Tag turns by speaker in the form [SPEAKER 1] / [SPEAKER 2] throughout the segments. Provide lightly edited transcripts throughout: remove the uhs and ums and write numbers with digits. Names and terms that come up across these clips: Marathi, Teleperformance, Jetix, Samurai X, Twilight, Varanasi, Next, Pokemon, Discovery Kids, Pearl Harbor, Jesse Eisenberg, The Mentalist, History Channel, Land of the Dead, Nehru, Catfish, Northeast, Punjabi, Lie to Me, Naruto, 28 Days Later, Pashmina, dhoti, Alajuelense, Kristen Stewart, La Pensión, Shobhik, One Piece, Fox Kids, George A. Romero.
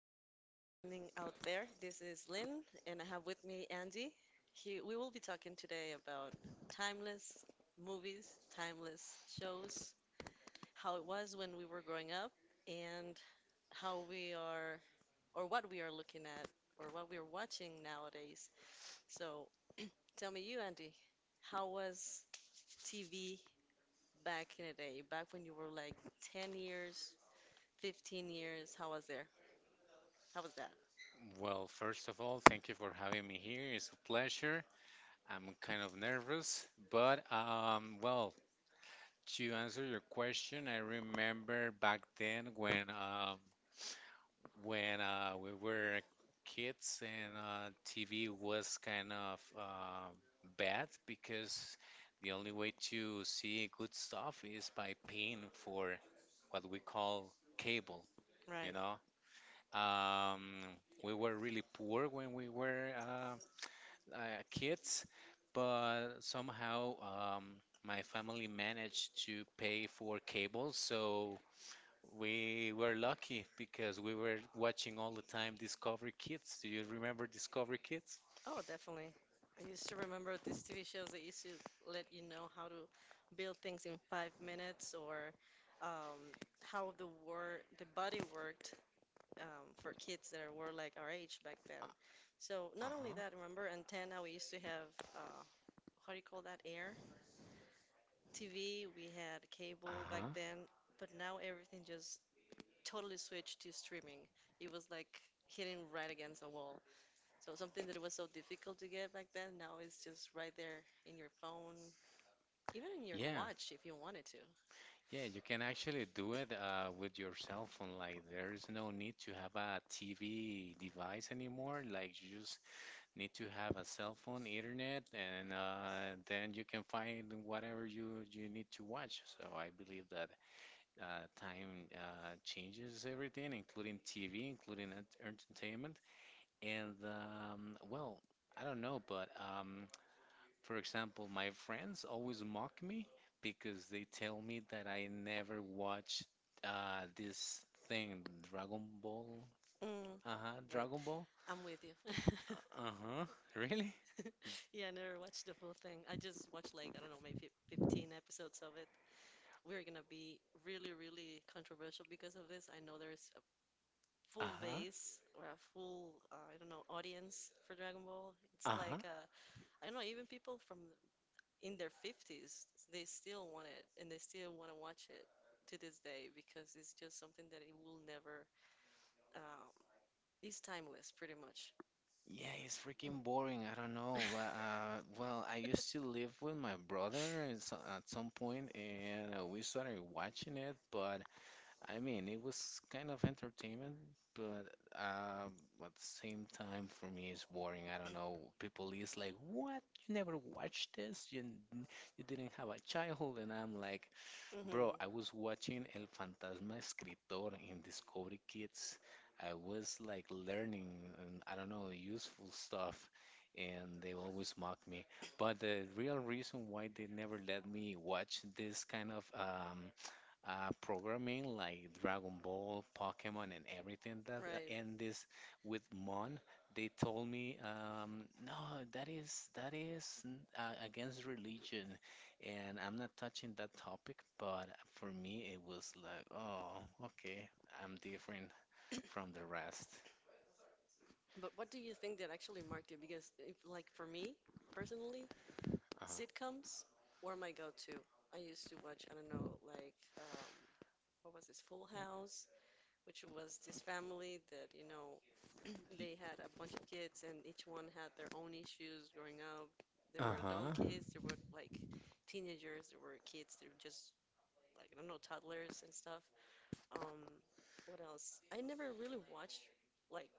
[SPEAKER 1] to everybody listening out there. This is Lynn, and I have with me Andy. We will be talking today about timeless movies, timeless shows, how it was when we were growing up, and how we are, or what we are looking at, or what we are watching nowadays. So tell me, you, Andy, how was TV back in the day, back when you were like 10 years, 15 years? How was there? How was that?
[SPEAKER 2] Well, first of all, thank you for having me here. It's a pleasure. I'm kind of nervous, but well, to answer your question, I remember back then when we were kids and TV was kind of bad because the only way to see good stuff is by paying for what we call cable, you
[SPEAKER 1] Right.
[SPEAKER 2] know. Um, we were really poor when we were kids, but somehow my family managed to pay for cable, so we were lucky because we were watching all the time Discovery Kids. Do you remember Discovery Kids?
[SPEAKER 1] Oh, definitely. I used to remember these TV shows that used to let you know how to build things in 5 minutes or um, how the body worked, for kids that were like our age back then.
[SPEAKER 2] Uh,
[SPEAKER 1] So not only
[SPEAKER 2] uh-huh.
[SPEAKER 1] that, remember antenna, we used to have, uh, what do you call that? Air TV. We had cable back
[SPEAKER 2] Uh-huh.
[SPEAKER 1] then, but now everything just totally switched to streaming. It was like hitting right against a wall. So something that was so difficult to get back then, now is just right there in your phone, even in your
[SPEAKER 2] Yeah,
[SPEAKER 1] watch if you wanted to.
[SPEAKER 2] yeah, you can actually do it with your cell phone. Like, there is no need to have a TV device anymore. Like, you just need to have a cell phone, internet, and then you can find whatever you need to watch. So I believe that time changes everything, including TV, including entertainment. And well, I don't know, but for example, my friends always mock me because they tell me that I never watch this thing, Dragon Ball.
[SPEAKER 1] Mm,
[SPEAKER 2] Uh-huh,
[SPEAKER 1] right.
[SPEAKER 2] Dragon Ball.
[SPEAKER 1] I'm with you.
[SPEAKER 2] Uh-huh, really?
[SPEAKER 1] Yeah, I never watched the full thing. I just watched like, I don't know, maybe 15 episodes of it. We're gonna be really, really controversial because of this. I know there's a full
[SPEAKER 2] Uh-huh.
[SPEAKER 1] base or a full, I don't know, audience for Dragon Ball. It's
[SPEAKER 2] Uh
[SPEAKER 1] like, I don't know, even people from in their 50s, they still want it and they still want to watch it to this day because it's just something that it will never, um, it's timeless pretty much.
[SPEAKER 2] Yeah, it's freaking boring. I don't know. But, well, I used to live with my brother at at some point, and we started watching it. But I mean, it was kind of entertainment, but um, at the same time, for me, it's boring. I don't know. People is like, "What? You never watched this? You didn't have a childhood?" And I'm like, Bro, I
[SPEAKER 1] Mm-hmm.
[SPEAKER 2] was watching El Fantasma Escritor in Discovery Kids. I was like learning, and I don't know, useful stuff, and they always mock me. But the real reason why they never let me watch this kind of programming like Dragon Ball, Pokemon, and everything that
[SPEAKER 1] Right.
[SPEAKER 2] end this with Mon, they told me, no, that is against religion, and I'm not touching that topic. But for me, it was like, oh, okay, I'm different from the rest.
[SPEAKER 1] But what do you think that actually marked you? Because if, like for me personally,
[SPEAKER 2] Uh-huh.
[SPEAKER 1] sitcoms were my go-to. I used to watch, I don't know, like, what was this, Full House, which was this family that, you know,
[SPEAKER 2] L-
[SPEAKER 1] they had a bunch of kids, and each one had their own issues growing up. There were adult
[SPEAKER 2] Uh-huh.
[SPEAKER 1] kids, there were like teenagers, there were kids that were just like, I don't know, toddlers and stuff. Um, what else? I never really watched like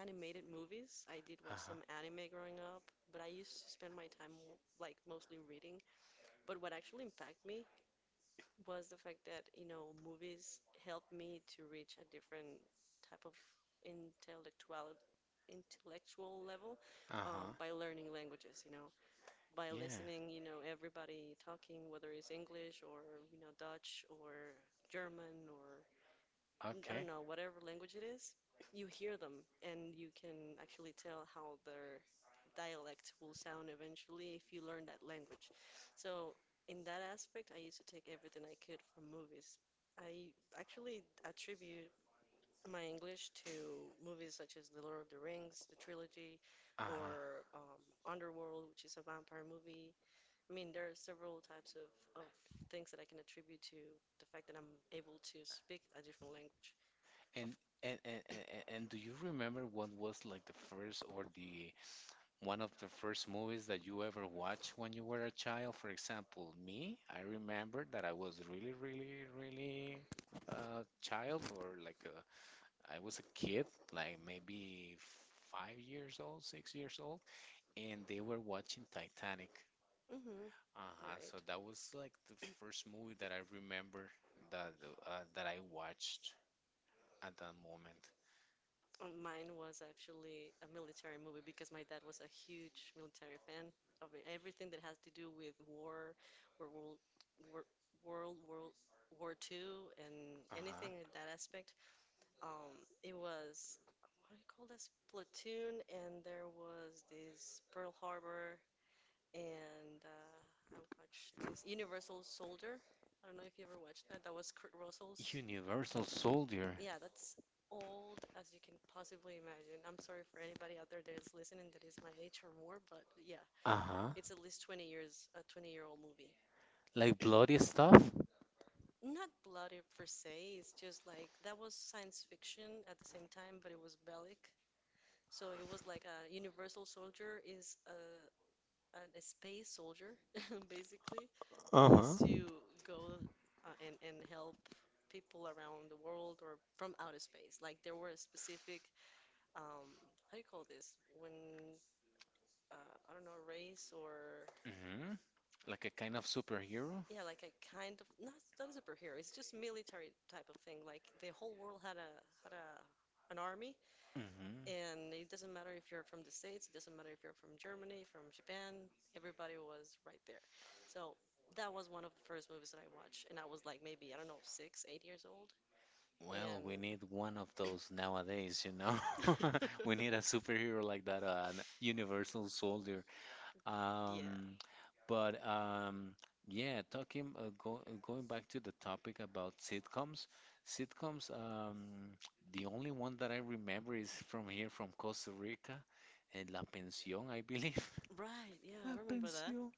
[SPEAKER 1] animated movies. I did watch
[SPEAKER 2] Uh-huh.
[SPEAKER 1] some anime growing up, but I used to spend my time like mostly reading. But what actually impacted me was the fact that, you know, movies helped me to reach a different type of intellectual intellectual level,
[SPEAKER 2] Uh-huh.
[SPEAKER 1] by learning languages, you know, by
[SPEAKER 2] Yeah.
[SPEAKER 1] listening, you know, everybody talking, whether it's English or, you know, Dutch or German or, I
[SPEAKER 2] Okay.
[SPEAKER 1] don't know, whatever language it is, you hear them and you can actually tell how their dialect will sound eventually if you learn that language. So, in that aspect, I used to take everything I could from movies. I actually attribute my English to movies such as The Lord of the Rings, the trilogy,
[SPEAKER 2] Uh-huh.
[SPEAKER 1] or Underworld, which is a vampire movie. I mean, there are several types of things that I can attribute to the fact that I'm able to speak a different language. Of,
[SPEAKER 2] And and do you remember what was like the first or the One of the first movies that you ever watched when you were a child? For example, me, I remember that I was really, really, really a child or like a, I was a kid, like maybe 5 years old, 6 years old, and they were watching Titanic.
[SPEAKER 1] hmm,
[SPEAKER 2] Uh-huh, so
[SPEAKER 1] right.
[SPEAKER 2] that was like the first movie that I remember that that I watched at that moment.
[SPEAKER 1] Mine was actually a military movie because my dad was a huge military fan of everything that has to do with war or world war, world world war two and
[SPEAKER 2] Uh-huh.
[SPEAKER 1] anything in that aspect. It was, what do you call this? Platoon, and there was this Pearl Harbor, and I watched this Universal Soldier. I don't know if you ever watched that. That was Kurt Russell's.
[SPEAKER 2] Universal Soldier.
[SPEAKER 1] Yeah, that's old as you can possibly imagine. I'm sorry for anybody out there that is listening that is my age or more, but yeah,
[SPEAKER 2] Uh-huh.
[SPEAKER 1] it's at least 20 years, a 20-year-old movie.
[SPEAKER 2] Like bloody stuff?
[SPEAKER 1] Not bloody per se, it's just like that was science fiction at the same time, but it was bellic. So it was like a Universal Soldier is a an, a space soldier, basically. They
[SPEAKER 2] Uh-huh.
[SPEAKER 1] used to go, and help people around the world or from outer space. Like there were a specific, um, how do you call this? When, I don't know, a race or,
[SPEAKER 2] Hmm. Like a kind of superhero?
[SPEAKER 1] yeah, like a kind of not a superhero. It's just military type of thing. Like the whole world had a an army.
[SPEAKER 2] Hmm.
[SPEAKER 1] And it doesn't matter if you're from the States, it doesn't matter if you're from Germany, from Japan, everybody was right there. So that was one of the first movies that I watched. And I was like maybe, I don't know, six, 8 years old.
[SPEAKER 2] Well, we
[SPEAKER 1] And
[SPEAKER 2] need one of those nowadays, you know. We need a superhero like that, an universal soldier.
[SPEAKER 1] yeah,
[SPEAKER 2] Um, but, yeah, talking going back to the topic about sitcoms. Sitcoms, the only one that I remember is from here, from Costa Rica, and La Pensión, I believe.
[SPEAKER 1] right. Yeah, I
[SPEAKER 2] What
[SPEAKER 1] remember that.
[SPEAKER 2] pension?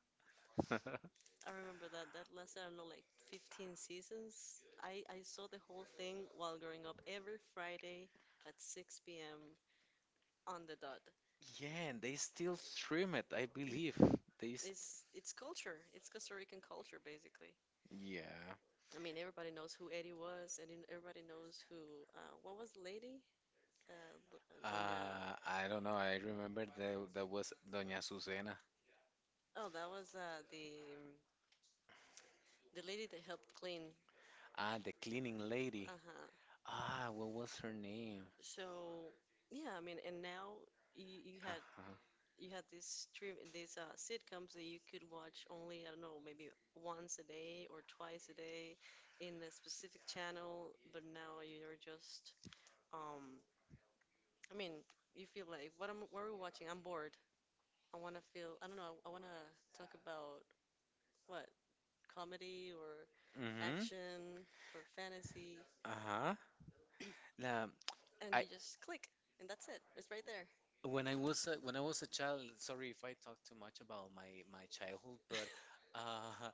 [SPEAKER 1] I remember that. That lasted, I don't know, like 15 seasons. I saw the whole thing while growing up every Friday at 6 p.m. on the dot.
[SPEAKER 2] Yeah, and they still stream it, I believe. They, s-
[SPEAKER 1] It's culture. It's Costa Rican culture, basically.
[SPEAKER 2] yeah.
[SPEAKER 1] I mean, everybody knows who Eddie was, and then everybody knows who, what was the lady? Doña.
[SPEAKER 2] I don't know. I remember that that was Doña Susana.
[SPEAKER 1] Oh, that was, the lady that helped clean.
[SPEAKER 2] Ah, the cleaning lady.
[SPEAKER 1] Uh huh.
[SPEAKER 2] Ah, what was her name?
[SPEAKER 1] So yeah, I mean, and now you, you had
[SPEAKER 2] Uh-huh.
[SPEAKER 1] you had these stream these sitcoms that you could watch only, I don't know, maybe once a day or twice a day in a specific channel, but now you're just, um, I mean, you feel like, what are we watching? I'm bored. I want to feel, I don't know, I want to talk about what, comedy or
[SPEAKER 2] Mm-hmm.
[SPEAKER 1] action or fantasy,
[SPEAKER 2] Uh-huh. Now,
[SPEAKER 1] and
[SPEAKER 2] I
[SPEAKER 1] you just click and that's it. It's right there.
[SPEAKER 2] when I was a child. Sorry if I talk too much about my childhood, but uh,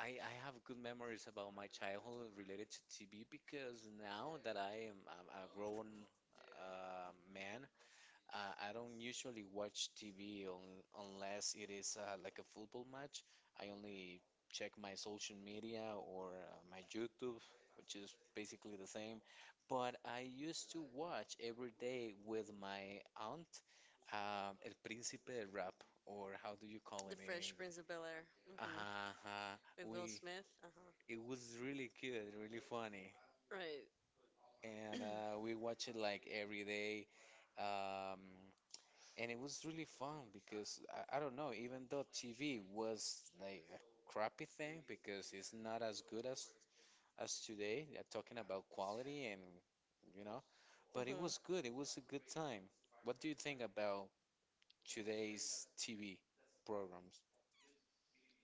[SPEAKER 2] I have good memories about my childhood related to TV because now that I am a grown man, I don't usually watch TV un unless it is like a football match. I only check my social media or my YouTube, which is basically the same. But I used to watch every day with my aunt, El Príncipe del Rap, or how do you call
[SPEAKER 1] The
[SPEAKER 2] it in
[SPEAKER 1] Fresh
[SPEAKER 2] English?
[SPEAKER 1] Prince of Bel Air. Hmm.
[SPEAKER 2] Uh-huh.
[SPEAKER 1] With Will
[SPEAKER 2] We
[SPEAKER 1] Smith. Uh-huh.
[SPEAKER 2] It was really good, really funny.
[SPEAKER 1] Right.
[SPEAKER 2] And we watch it like every day. Um, and it was really fun because I don't know, even though TV was like a crappy thing because it's not as good as today, talking about quality and you know, but it was
[SPEAKER 1] Hmm.
[SPEAKER 2] good. It was a good time. What do you think about today's TV programs?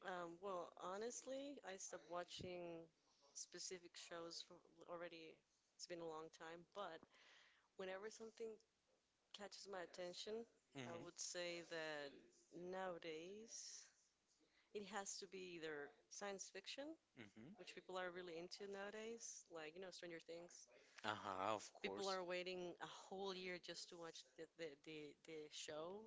[SPEAKER 1] Well, honestly, I stopped watching specific shows for already, it's been a long time, but whenever something catches my attention, I
[SPEAKER 2] Hmm.
[SPEAKER 1] would say that nowadays it has to be either science fiction,
[SPEAKER 2] Hmm.
[SPEAKER 1] which people are really into nowadays, like, you know, Stranger Things,
[SPEAKER 2] Uh-huh, of
[SPEAKER 1] people
[SPEAKER 2] course.
[SPEAKER 1] are waiting a whole year just to watch the show,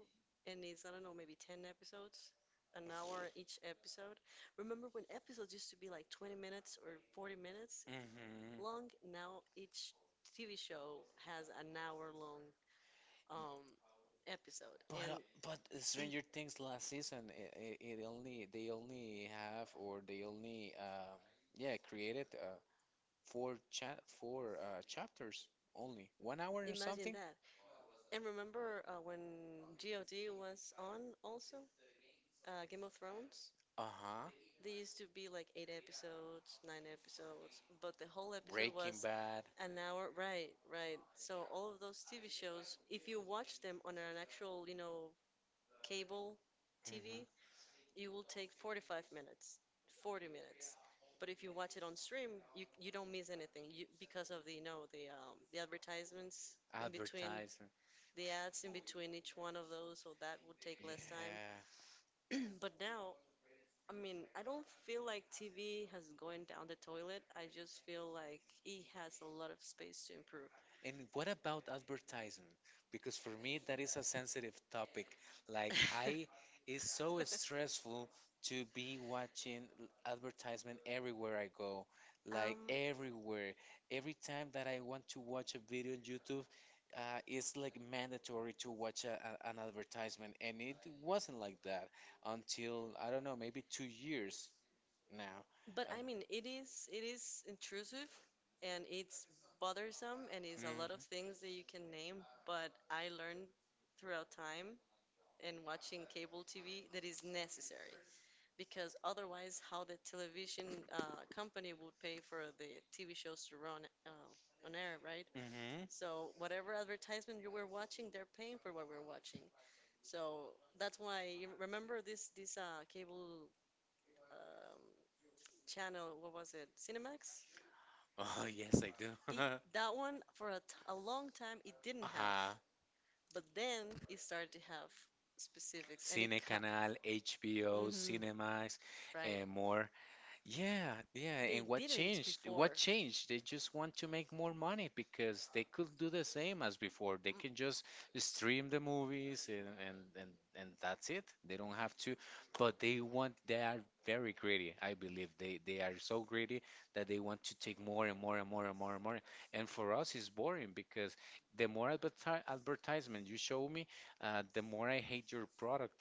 [SPEAKER 1] and it's, I don't know, maybe 10 episodes. An hour each episode. Remember when episodes used to be like 20 minutes or 40 minutes
[SPEAKER 2] Hmm.
[SPEAKER 1] long? Now each TV show has an hour long, um, episode.
[SPEAKER 2] But uh,
[SPEAKER 1] And
[SPEAKER 2] but Stranger Things last season, it only they only yeah created four cha four chapters, only 1 hour or
[SPEAKER 1] imagine
[SPEAKER 2] something.
[SPEAKER 1] that. And remember, when GOD was on also? Game of Thrones?
[SPEAKER 2] Uh-huh.
[SPEAKER 1] They used to be like 8 episodes, 9 episodes, but the whole episode
[SPEAKER 2] Breaking
[SPEAKER 1] was
[SPEAKER 2] Bad.
[SPEAKER 1] an hour. Right, right. So all of those TV shows, if you watch them on an actual, you know, cable
[SPEAKER 2] Hmm.
[SPEAKER 1] TV, it will take 45 minutes, 40 minutes. But if you watch it on stream, you don't miss anything, because of the, you know, the advertisements in between,
[SPEAKER 2] Advertising.
[SPEAKER 1] the ads in between each one of those, so that would take less time.
[SPEAKER 2] Yeah.
[SPEAKER 1] But now, I mean, I don't feel like TV has going down the toilet. I just feel like it has a lot of space to improve.
[SPEAKER 2] And what about advertising? Because for me, that is a sensitive topic. Like, it's so stressful to be watching advertisement everywhere I go. Like,
[SPEAKER 1] Um,
[SPEAKER 2] everywhere. Every time that I want to watch a video on YouTube, it's like mandatory to watch an advertisement. And it wasn't like that until, I don't know, maybe 2 years now.
[SPEAKER 1] but
[SPEAKER 2] Uh,
[SPEAKER 1] I mean, it is intrusive and it's bothersome and it's a
[SPEAKER 2] mhm.
[SPEAKER 1] lot of things that you can name, but I learned throughout time and watching cable TV that is necessary because otherwise, how the television, company would pay for the TV shows to run, on air, right?
[SPEAKER 2] Mm-hmm.
[SPEAKER 1] So whatever advertisement you were watching, they're paying for what we're watching. So that's why you remember this cable, um, channel. What was it? Cinemax.
[SPEAKER 2] Oh, yes, I do.
[SPEAKER 1] It, that one for a long time it didn't have,
[SPEAKER 2] Uh-huh.
[SPEAKER 1] but then it started to have specifics, and it
[SPEAKER 2] Cine
[SPEAKER 1] cut.
[SPEAKER 2] Canal, HBO,
[SPEAKER 1] Hmm.
[SPEAKER 2] Cinemax,
[SPEAKER 1] Right.
[SPEAKER 2] and more. Yeah, yeah,
[SPEAKER 1] They
[SPEAKER 2] and what
[SPEAKER 1] didn't
[SPEAKER 2] changed? What
[SPEAKER 1] before.
[SPEAKER 2] changed? They just want to make more money because they could do the same as before. They
[SPEAKER 1] Mm,
[SPEAKER 2] can just stream the movies and that's it. They don't have to, but they are very greedy. I believe they are so greedy that they want to take more and more and more and more and more. And for us, it's boring because the more adverti advertisement you show me, the more I hate your product,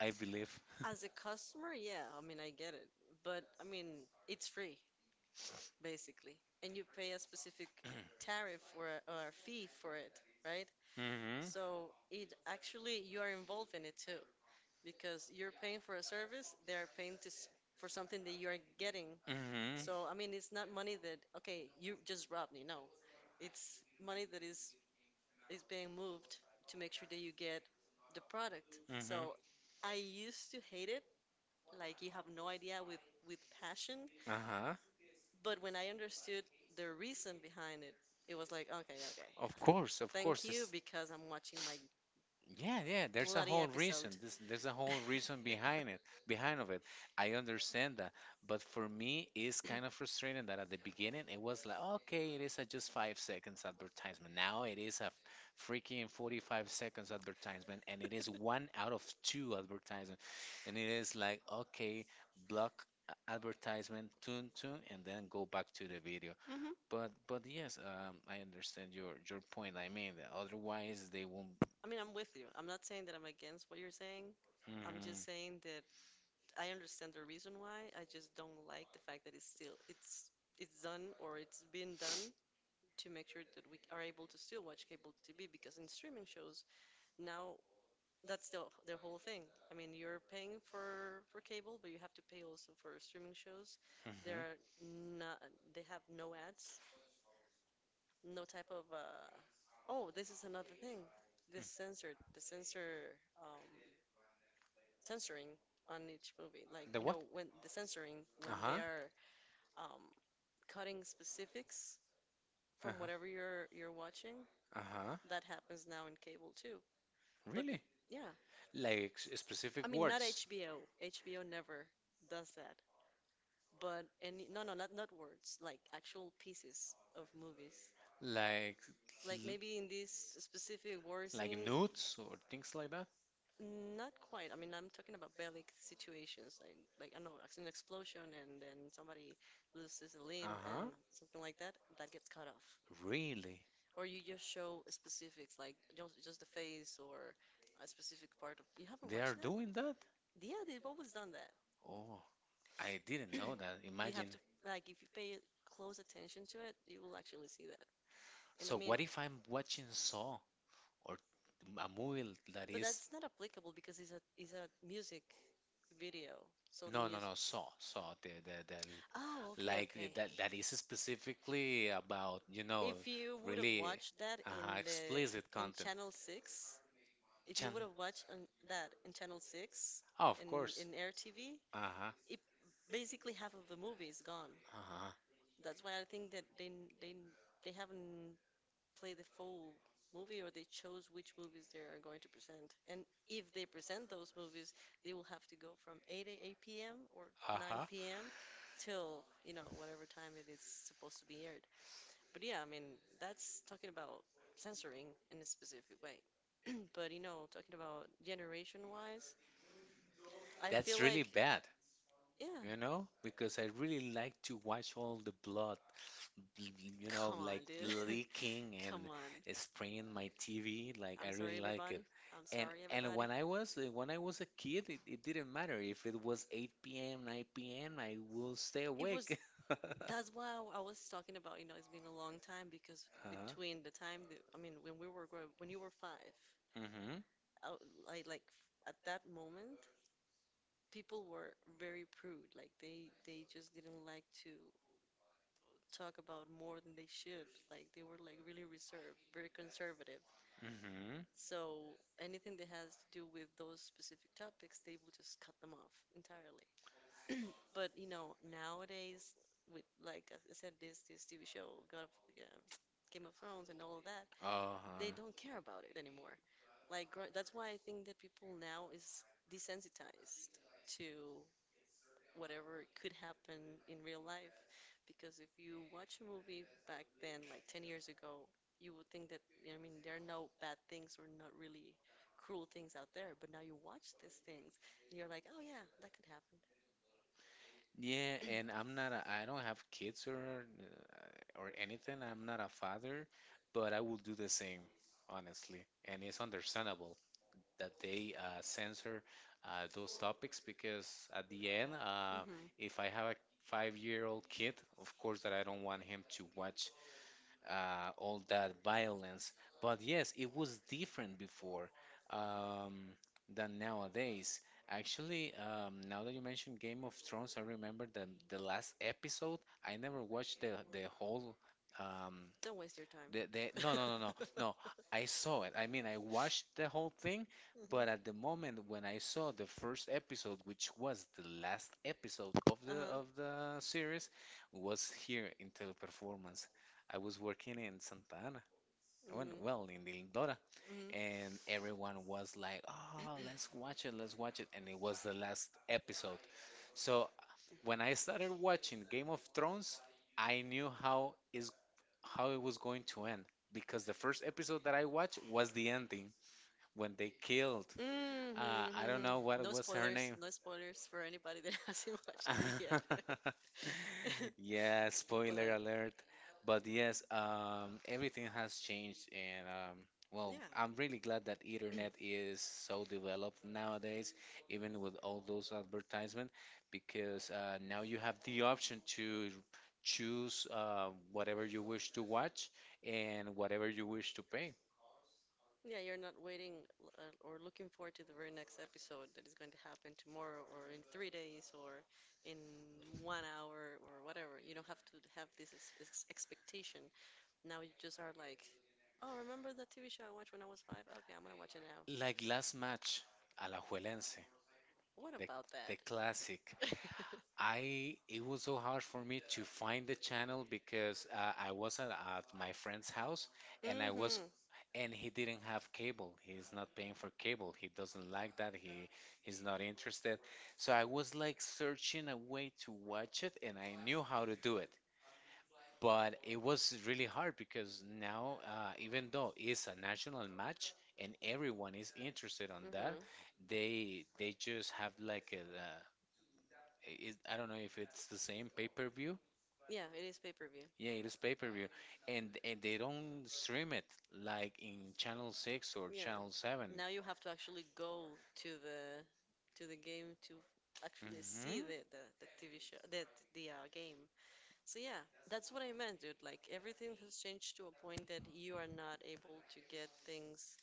[SPEAKER 2] I believe.
[SPEAKER 1] as a customer, yeah, I mean, I get it. But I mean, it's free, basically. And you pay a specific tariff or or a fee for it, right?
[SPEAKER 2] Mm-hmm.
[SPEAKER 1] So it actually, you are involved in it too, because you're paying for a service, they are paying for something that you are getting.
[SPEAKER 2] Mm-hmm.
[SPEAKER 1] So I mean, it's not money that, okay, you just robbed me. No, it's money that is being moved to make sure that you get the product.
[SPEAKER 2] Mm-hmm.
[SPEAKER 1] So I used to hate it like you have no idea, with passion.
[SPEAKER 2] Uh-huh.
[SPEAKER 1] But when I understood the reason behind it, it was like, okay, okay, yeah.
[SPEAKER 2] Of course, of
[SPEAKER 1] Thank
[SPEAKER 2] course.
[SPEAKER 1] you because I'm watching my
[SPEAKER 2] Yeah, yeah. There's a
[SPEAKER 1] bloody
[SPEAKER 2] whole reason.
[SPEAKER 1] episode.
[SPEAKER 2] There's a whole reason behind it, behind of it. I understand that, but for me, it's kind of frustrating that at the beginning it was like, okay, it is a just 5 seconds advertisement. Now it is a freaking 45 seconds advertisement, and it is one out of two advertisement, and it is like, okay, block advertisement, tune, tune, and then go back to the video.
[SPEAKER 1] Hmm.
[SPEAKER 2] But yes, I understand your point. I mean, otherwise they won't.
[SPEAKER 1] I mean, I'm with you. I'm not saying that I'm against what you're saying. I'm
[SPEAKER 2] Mhm.
[SPEAKER 1] just saying that I understand the reason why. I just don't like the fact that it's done or it's been done to make sure that we are able to still watch cable TV because in streaming shows now, that's their whole thing. I mean, you're paying for cable, but you have to pay also for streaming shows. There
[SPEAKER 2] Mhm.
[SPEAKER 1] are not they have no ads, no type of, uh, oh, this is another thing.
[SPEAKER 2] Mm.
[SPEAKER 1] This censored the censor um censoring on each movie. Like,
[SPEAKER 2] The
[SPEAKER 1] you
[SPEAKER 2] what?
[SPEAKER 1] know, when the censoring
[SPEAKER 2] Uh
[SPEAKER 1] when they
[SPEAKER 2] huh.
[SPEAKER 1] are um cutting specifics
[SPEAKER 2] Uh
[SPEAKER 1] from
[SPEAKER 2] huh.
[SPEAKER 1] whatever you're watching,
[SPEAKER 2] Uh huh.
[SPEAKER 1] that happens now in cable too. But
[SPEAKER 2] Really?
[SPEAKER 1] yeah,
[SPEAKER 2] Like
[SPEAKER 1] I
[SPEAKER 2] specific
[SPEAKER 1] mean, not
[SPEAKER 2] words?
[SPEAKER 1] HBO. HBO never does that. But any no, no, not not words, like actual pieces of movies.
[SPEAKER 2] Like
[SPEAKER 1] Like
[SPEAKER 2] l-
[SPEAKER 1] maybe in this specific war
[SPEAKER 2] like
[SPEAKER 1] scene,
[SPEAKER 2] nudes or things like
[SPEAKER 1] not quite. I mean, I'm talking about bellic situations, like I don't know, it's an explosion and then somebody loses a limb and
[SPEAKER 2] Uh-huh.
[SPEAKER 1] something like that. That gets cut off.
[SPEAKER 2] Really?
[SPEAKER 1] Or you just show specifics, like just the face or a specific part of. You haven't
[SPEAKER 2] They are
[SPEAKER 1] watched that?
[SPEAKER 2] doing that?
[SPEAKER 1] Yeah, they've always done that.
[SPEAKER 2] Oh, I didn't know that.
[SPEAKER 1] You have
[SPEAKER 2] Imagine.
[SPEAKER 1] to like if you pay close attention to it, you will actually see that. And I
[SPEAKER 2] So
[SPEAKER 1] mean,
[SPEAKER 2] what if I'm watching Saw or a movie that
[SPEAKER 1] but
[SPEAKER 2] is,
[SPEAKER 1] that's not applicable because it's a music video. So the
[SPEAKER 2] no, no, no,
[SPEAKER 1] music.
[SPEAKER 2] Saw, Saw,
[SPEAKER 1] Oh, okay,
[SPEAKER 2] like
[SPEAKER 1] okay.
[SPEAKER 2] that that is specifically about,
[SPEAKER 1] If you would have
[SPEAKER 2] really
[SPEAKER 1] watched that in the
[SPEAKER 2] explicit
[SPEAKER 1] in
[SPEAKER 2] content.
[SPEAKER 1] Channel 6, if you
[SPEAKER 2] Chan.
[SPEAKER 1] would have watched on that in Channel 6
[SPEAKER 2] Oh, of
[SPEAKER 1] in
[SPEAKER 2] course.
[SPEAKER 1] in Air TV,
[SPEAKER 2] Uh-huh.
[SPEAKER 1] it basically half of the movie is gone.
[SPEAKER 2] Uh-huh.
[SPEAKER 1] That's why I think that they they haven't played the full movie or they chose which movies they are going to present. And if they present those movies, they will have to go from 8 a.m. or
[SPEAKER 2] Uh-huh.
[SPEAKER 1] 9 p.m. till, you know, whatever time it is supposed to be aired. But yeah, I mean, that's talking about censoring in a specific way. But you know, talking about generation wise, I
[SPEAKER 2] That's
[SPEAKER 1] feel
[SPEAKER 2] really
[SPEAKER 1] like,
[SPEAKER 2] bad,
[SPEAKER 1] yeah,
[SPEAKER 2] because I really like to watch all the blood, bl-
[SPEAKER 1] come
[SPEAKER 2] like
[SPEAKER 1] on, dude.
[SPEAKER 2] leaking
[SPEAKER 1] Come
[SPEAKER 2] and
[SPEAKER 1] on.
[SPEAKER 2] spraying my TV. Like I
[SPEAKER 1] I'm sorry,
[SPEAKER 2] really like it.
[SPEAKER 1] everybody. I'm
[SPEAKER 2] And
[SPEAKER 1] sorry,
[SPEAKER 2] and
[SPEAKER 1] everybody.
[SPEAKER 2] when I was a kid, it didn't matter if it was 8 p.m., 9 p.m., I will stay
[SPEAKER 1] It was
[SPEAKER 2] awake.
[SPEAKER 1] that's why I was talking about, you know, it's been a long time because
[SPEAKER 2] Uh-huh.
[SPEAKER 1] between the time that, I mean, when we were growing, when you were five,
[SPEAKER 2] Mm-hmm.
[SPEAKER 1] I, like at that moment, people were very prude. Like they just didn't like to talk about more than they should. Like they were like really reserved, very conservative.
[SPEAKER 2] Mm-hmm.
[SPEAKER 1] So anything that has to do with those specific topics, they will just cut them off entirely. But you know, nowadays with like I said, this TV show, God of yeah, Game of Thrones and all that, they
[SPEAKER 2] Uh-huh.
[SPEAKER 1] don't care about it anymore. That's why I think that people now is desensitized to whatever could happen in real life. Because if you watch a movie back then, like 10 years ago, you would think that, I mean, there are no bad things or not really cruel things out there. But now you watch these things and you're like, oh yeah, that could happen.
[SPEAKER 2] Yeah, and I'm not a, I don't have kids or anything. I'm not a father, but I will do the same, honestly. And it's understandable that they censor those topics because at the end,
[SPEAKER 1] uh, hmm
[SPEAKER 2] if I have a 5-year-old kid, of course that I don't want him to watch all that violence. But yes, it was different before um, than nowadays. Actually, now that you mentioned Game of Thrones, I remember the last episode. I never watched the whole. Um,
[SPEAKER 1] Don't waste your time.
[SPEAKER 2] no, no, no, no, no. I saw it. I mean, I watched the whole thing,
[SPEAKER 1] Mhm.
[SPEAKER 2] but at the moment when I saw the first episode, which was the last episode of the
[SPEAKER 1] Uh-huh.
[SPEAKER 2] of the series, was here in Teleperformance. I was working in Santa Ana, when,
[SPEAKER 1] Mm.
[SPEAKER 2] well, in
[SPEAKER 1] Well,
[SPEAKER 2] Lindora,
[SPEAKER 1] mhm.
[SPEAKER 2] and everyone was like, "Oh, let's watch it," and it was the last episode. So when I started watching Game of Thrones, I knew how it was going to end because the first episode that I watched was the ending when they killed
[SPEAKER 1] Mhm, uh,
[SPEAKER 2] I don't
[SPEAKER 1] mhm,
[SPEAKER 2] know
[SPEAKER 1] mhm.
[SPEAKER 2] what
[SPEAKER 1] No
[SPEAKER 2] was her
[SPEAKER 1] spoilers,
[SPEAKER 2] name.
[SPEAKER 1] no spoilers for anybody that hasn't watched it yet.
[SPEAKER 2] Yeah, spoiler
[SPEAKER 1] But,
[SPEAKER 2] alert. But yes, everything has changed, and
[SPEAKER 1] well,
[SPEAKER 2] well,
[SPEAKER 1] yeah,
[SPEAKER 2] I'm really glad that internet is so developed nowadays, even with all those advertisements, because now you have the option to choose whatever you wish to watch and whatever you wish to pay.
[SPEAKER 1] yeah, you're not waiting or looking forward to the very next episode that is going to happen tomorrow or in 3 days or in 1 hour or whatever. You don't have to have this ex ex expectation. Now you just are like, oh, remember that TV show I watched when I was five? Okay, I'm gonna watch it now.
[SPEAKER 2] Like last match, Alajuelense,
[SPEAKER 1] What
[SPEAKER 2] the
[SPEAKER 1] about that?
[SPEAKER 2] the classic. I it was so hard for me to find the channel because I was at my friend's house and I was
[SPEAKER 1] Mm-hmm.
[SPEAKER 2] and he didn't have cable. He's not paying for cable. He doesn't like that. He's not interested, so I was like searching a way to watch it, and I knew how to do it. But it was really hard because now even though it's a national match and everyone is
[SPEAKER 1] Mm-hmm.
[SPEAKER 2] interested on that, they just have like a, i I don't know if it's the same pay-per-view.
[SPEAKER 1] Yeah, it is pay-per-view.
[SPEAKER 2] Yeah, it is pay-per-view, and they don't stream it like in Channel 6 or
[SPEAKER 1] Yeah.
[SPEAKER 2] Channel 7.
[SPEAKER 1] Now you have to actually go to the game to actually
[SPEAKER 2] Mm-hmm.
[SPEAKER 1] see the TV show the game. So yeah, that's what I meant, dude. Like everything has changed to a point that you are not able to get things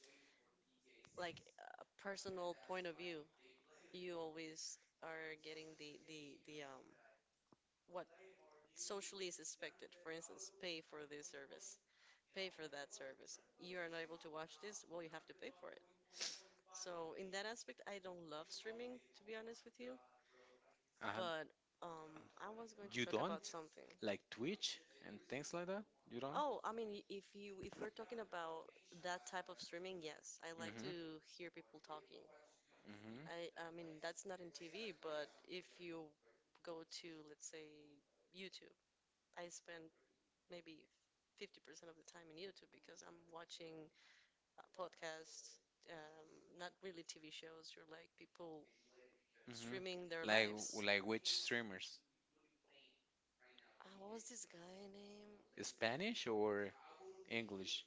[SPEAKER 1] like a personal point of view. You always are getting the what socially is expected. For instance, pay for this service, pay for that service. You are not able to watch this, well, you have to pay for it. So in that aspect, I don't love streaming, to be honest with you.
[SPEAKER 2] And
[SPEAKER 1] But I was going to
[SPEAKER 2] you
[SPEAKER 1] talk about
[SPEAKER 2] don't
[SPEAKER 1] something.
[SPEAKER 2] like Twitch and things like that? You don't?
[SPEAKER 1] Oh, I mean, if you if we're talking about that type of streaming, yes, I like
[SPEAKER 2] Mm-hmm.
[SPEAKER 1] to hear people talking.
[SPEAKER 2] Mm-hmm.
[SPEAKER 1] I mean, that's not in TV, but if you go to, let's say, YouTube, I spend maybe 50% of the time in YouTube because I'm watching podcasts, um, not really TV shows. You're like people streaming their
[SPEAKER 2] Mm-hmm. Like
[SPEAKER 1] lives.
[SPEAKER 2] w- like which streamers?
[SPEAKER 1] What was this guy name?
[SPEAKER 2] Spanish or English?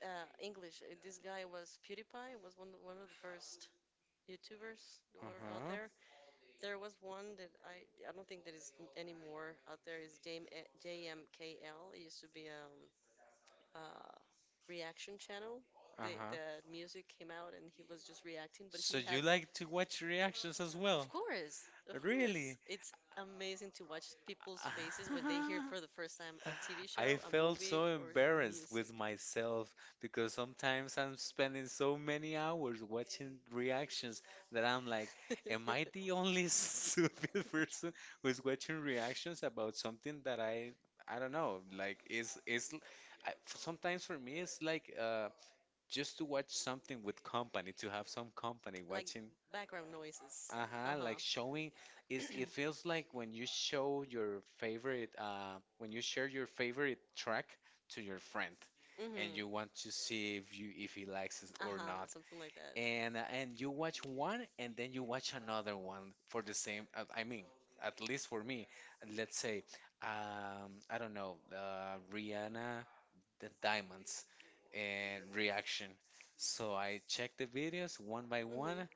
[SPEAKER 1] English. This guy was PewDiePie. Was one of the first YouTubers that were out
[SPEAKER 2] Uh-huh.
[SPEAKER 1] there. There was one that I don't think that is anymore out there. Is Dame JMKL? It used to be uh reaction channel. They
[SPEAKER 2] Uh-huh.
[SPEAKER 1] the music came out and he was just reacting, but
[SPEAKER 2] So
[SPEAKER 1] he had
[SPEAKER 2] you like to watch reactions as
[SPEAKER 1] of
[SPEAKER 2] well?
[SPEAKER 1] course, of course.
[SPEAKER 2] Really?
[SPEAKER 1] It's amazing to watch people's faces when they hear for the first time a TV
[SPEAKER 2] I
[SPEAKER 1] show, a
[SPEAKER 2] felt
[SPEAKER 1] movie,
[SPEAKER 2] so
[SPEAKER 1] or
[SPEAKER 2] embarrassed
[SPEAKER 1] music.
[SPEAKER 2] with myself because sometimes I'm spending so many hours watching reactions that I'm like, am I the only stupid person who's watching reactions about something that I don't know, like sometimes for me it's like just to watch something with company, to have some company
[SPEAKER 1] Like
[SPEAKER 2] watching.
[SPEAKER 1] background noises. Uh
[SPEAKER 2] Uh-huh, like
[SPEAKER 1] huh.
[SPEAKER 2] showing, is it feels like when you show your favorite track to your friend and
[SPEAKER 1] Mm-hmm.
[SPEAKER 2] you want to see if you if he likes it
[SPEAKER 1] Uh
[SPEAKER 2] or
[SPEAKER 1] huh.
[SPEAKER 2] not.
[SPEAKER 1] Something like that.
[SPEAKER 2] And you watch one and then you watch another one for the same at least for me, let's say I don't know, Rihanna, the Diamonds and reaction. So I check the videos one by
[SPEAKER 1] hmm
[SPEAKER 2] one,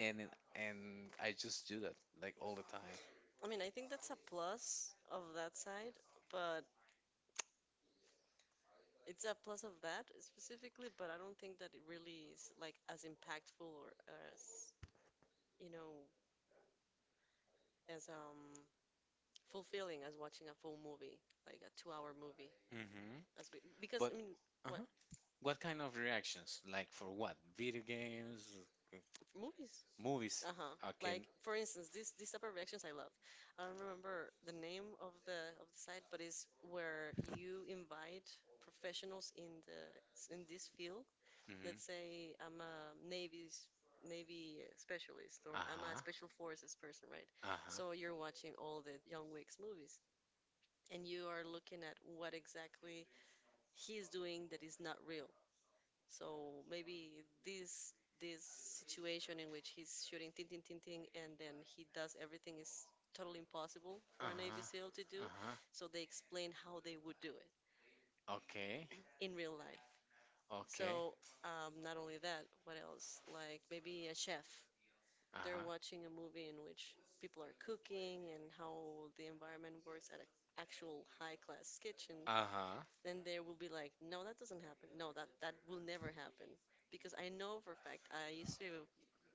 [SPEAKER 2] and I just do that like all the time.
[SPEAKER 1] I mean, I think that's a plus of that side, but it's a plus of that specifically, but I don't think that it really is like as impactful or as, you know, as fulfilling as watching a full movie, like a two-hour movie.
[SPEAKER 2] Hmm.
[SPEAKER 1] As we, because
[SPEAKER 2] But
[SPEAKER 1] I mean, what
[SPEAKER 2] uh-huh. What kind of reactions? Like for what? Video games, uh,
[SPEAKER 1] movies?
[SPEAKER 2] movies?
[SPEAKER 1] Uh-huh.
[SPEAKER 2] Okay.
[SPEAKER 1] Like for instance, this type of reactions I love. I don't remember the name of the site, but it's where you invite professionals in the in this field
[SPEAKER 2] Hmm.
[SPEAKER 1] let's say I'm a Navy specialist or I'm a
[SPEAKER 2] Uh-huh.
[SPEAKER 1] special forces person, right?
[SPEAKER 2] Uh-huh.
[SPEAKER 1] So you're watching all the John Wick's movies and you are looking at what exactly he's doing that is not real. So maybe this this situation in which he's shooting ting ting ting ting and then he does everything is totally impossible for a Navy
[SPEAKER 2] Uh-huh.
[SPEAKER 1] SEAL to do.
[SPEAKER 2] Uh-huh.
[SPEAKER 1] So they explain how they would do it.
[SPEAKER 2] Okay.
[SPEAKER 1] in real life.
[SPEAKER 2] Okay.
[SPEAKER 1] So, not only that, what else? Like maybe a chef. They're
[SPEAKER 2] Uh-huh.
[SPEAKER 1] watching a movie in which people are cooking and how the environment works at an actual high class kitchen.
[SPEAKER 2] Uh-huh.
[SPEAKER 1] Then they will be like, no, that doesn't happen. No, that will never happen. Because I know for a fact, I used to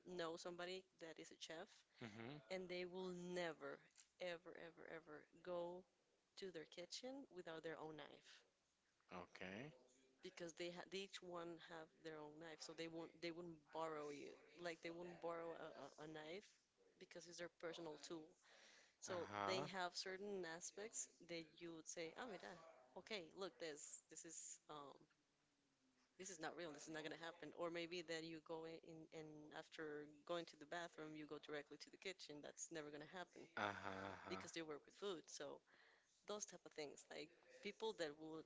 [SPEAKER 1] know somebody that is a chef,
[SPEAKER 2] Mm-hmm.
[SPEAKER 1] and they will never, ever, ever, ever go to their kitchen without their own knife
[SPEAKER 2] Okay.
[SPEAKER 1] because they each one have their own knife, so they won't they wouldn't borrow you like they wouldn't borrow a knife because it's their personal tool. So they
[SPEAKER 2] Uh-huh.
[SPEAKER 1] have certain aspects that you would say, oh, mira, okay, look, this is um this is not real, this is not gonna happen. Or maybe then you go and after going to the bathroom, you go directly to the kitchen. That's never gonna happen
[SPEAKER 2] Uh-huh. Uh-huh.
[SPEAKER 1] because they work with food. So those type of things, like people that will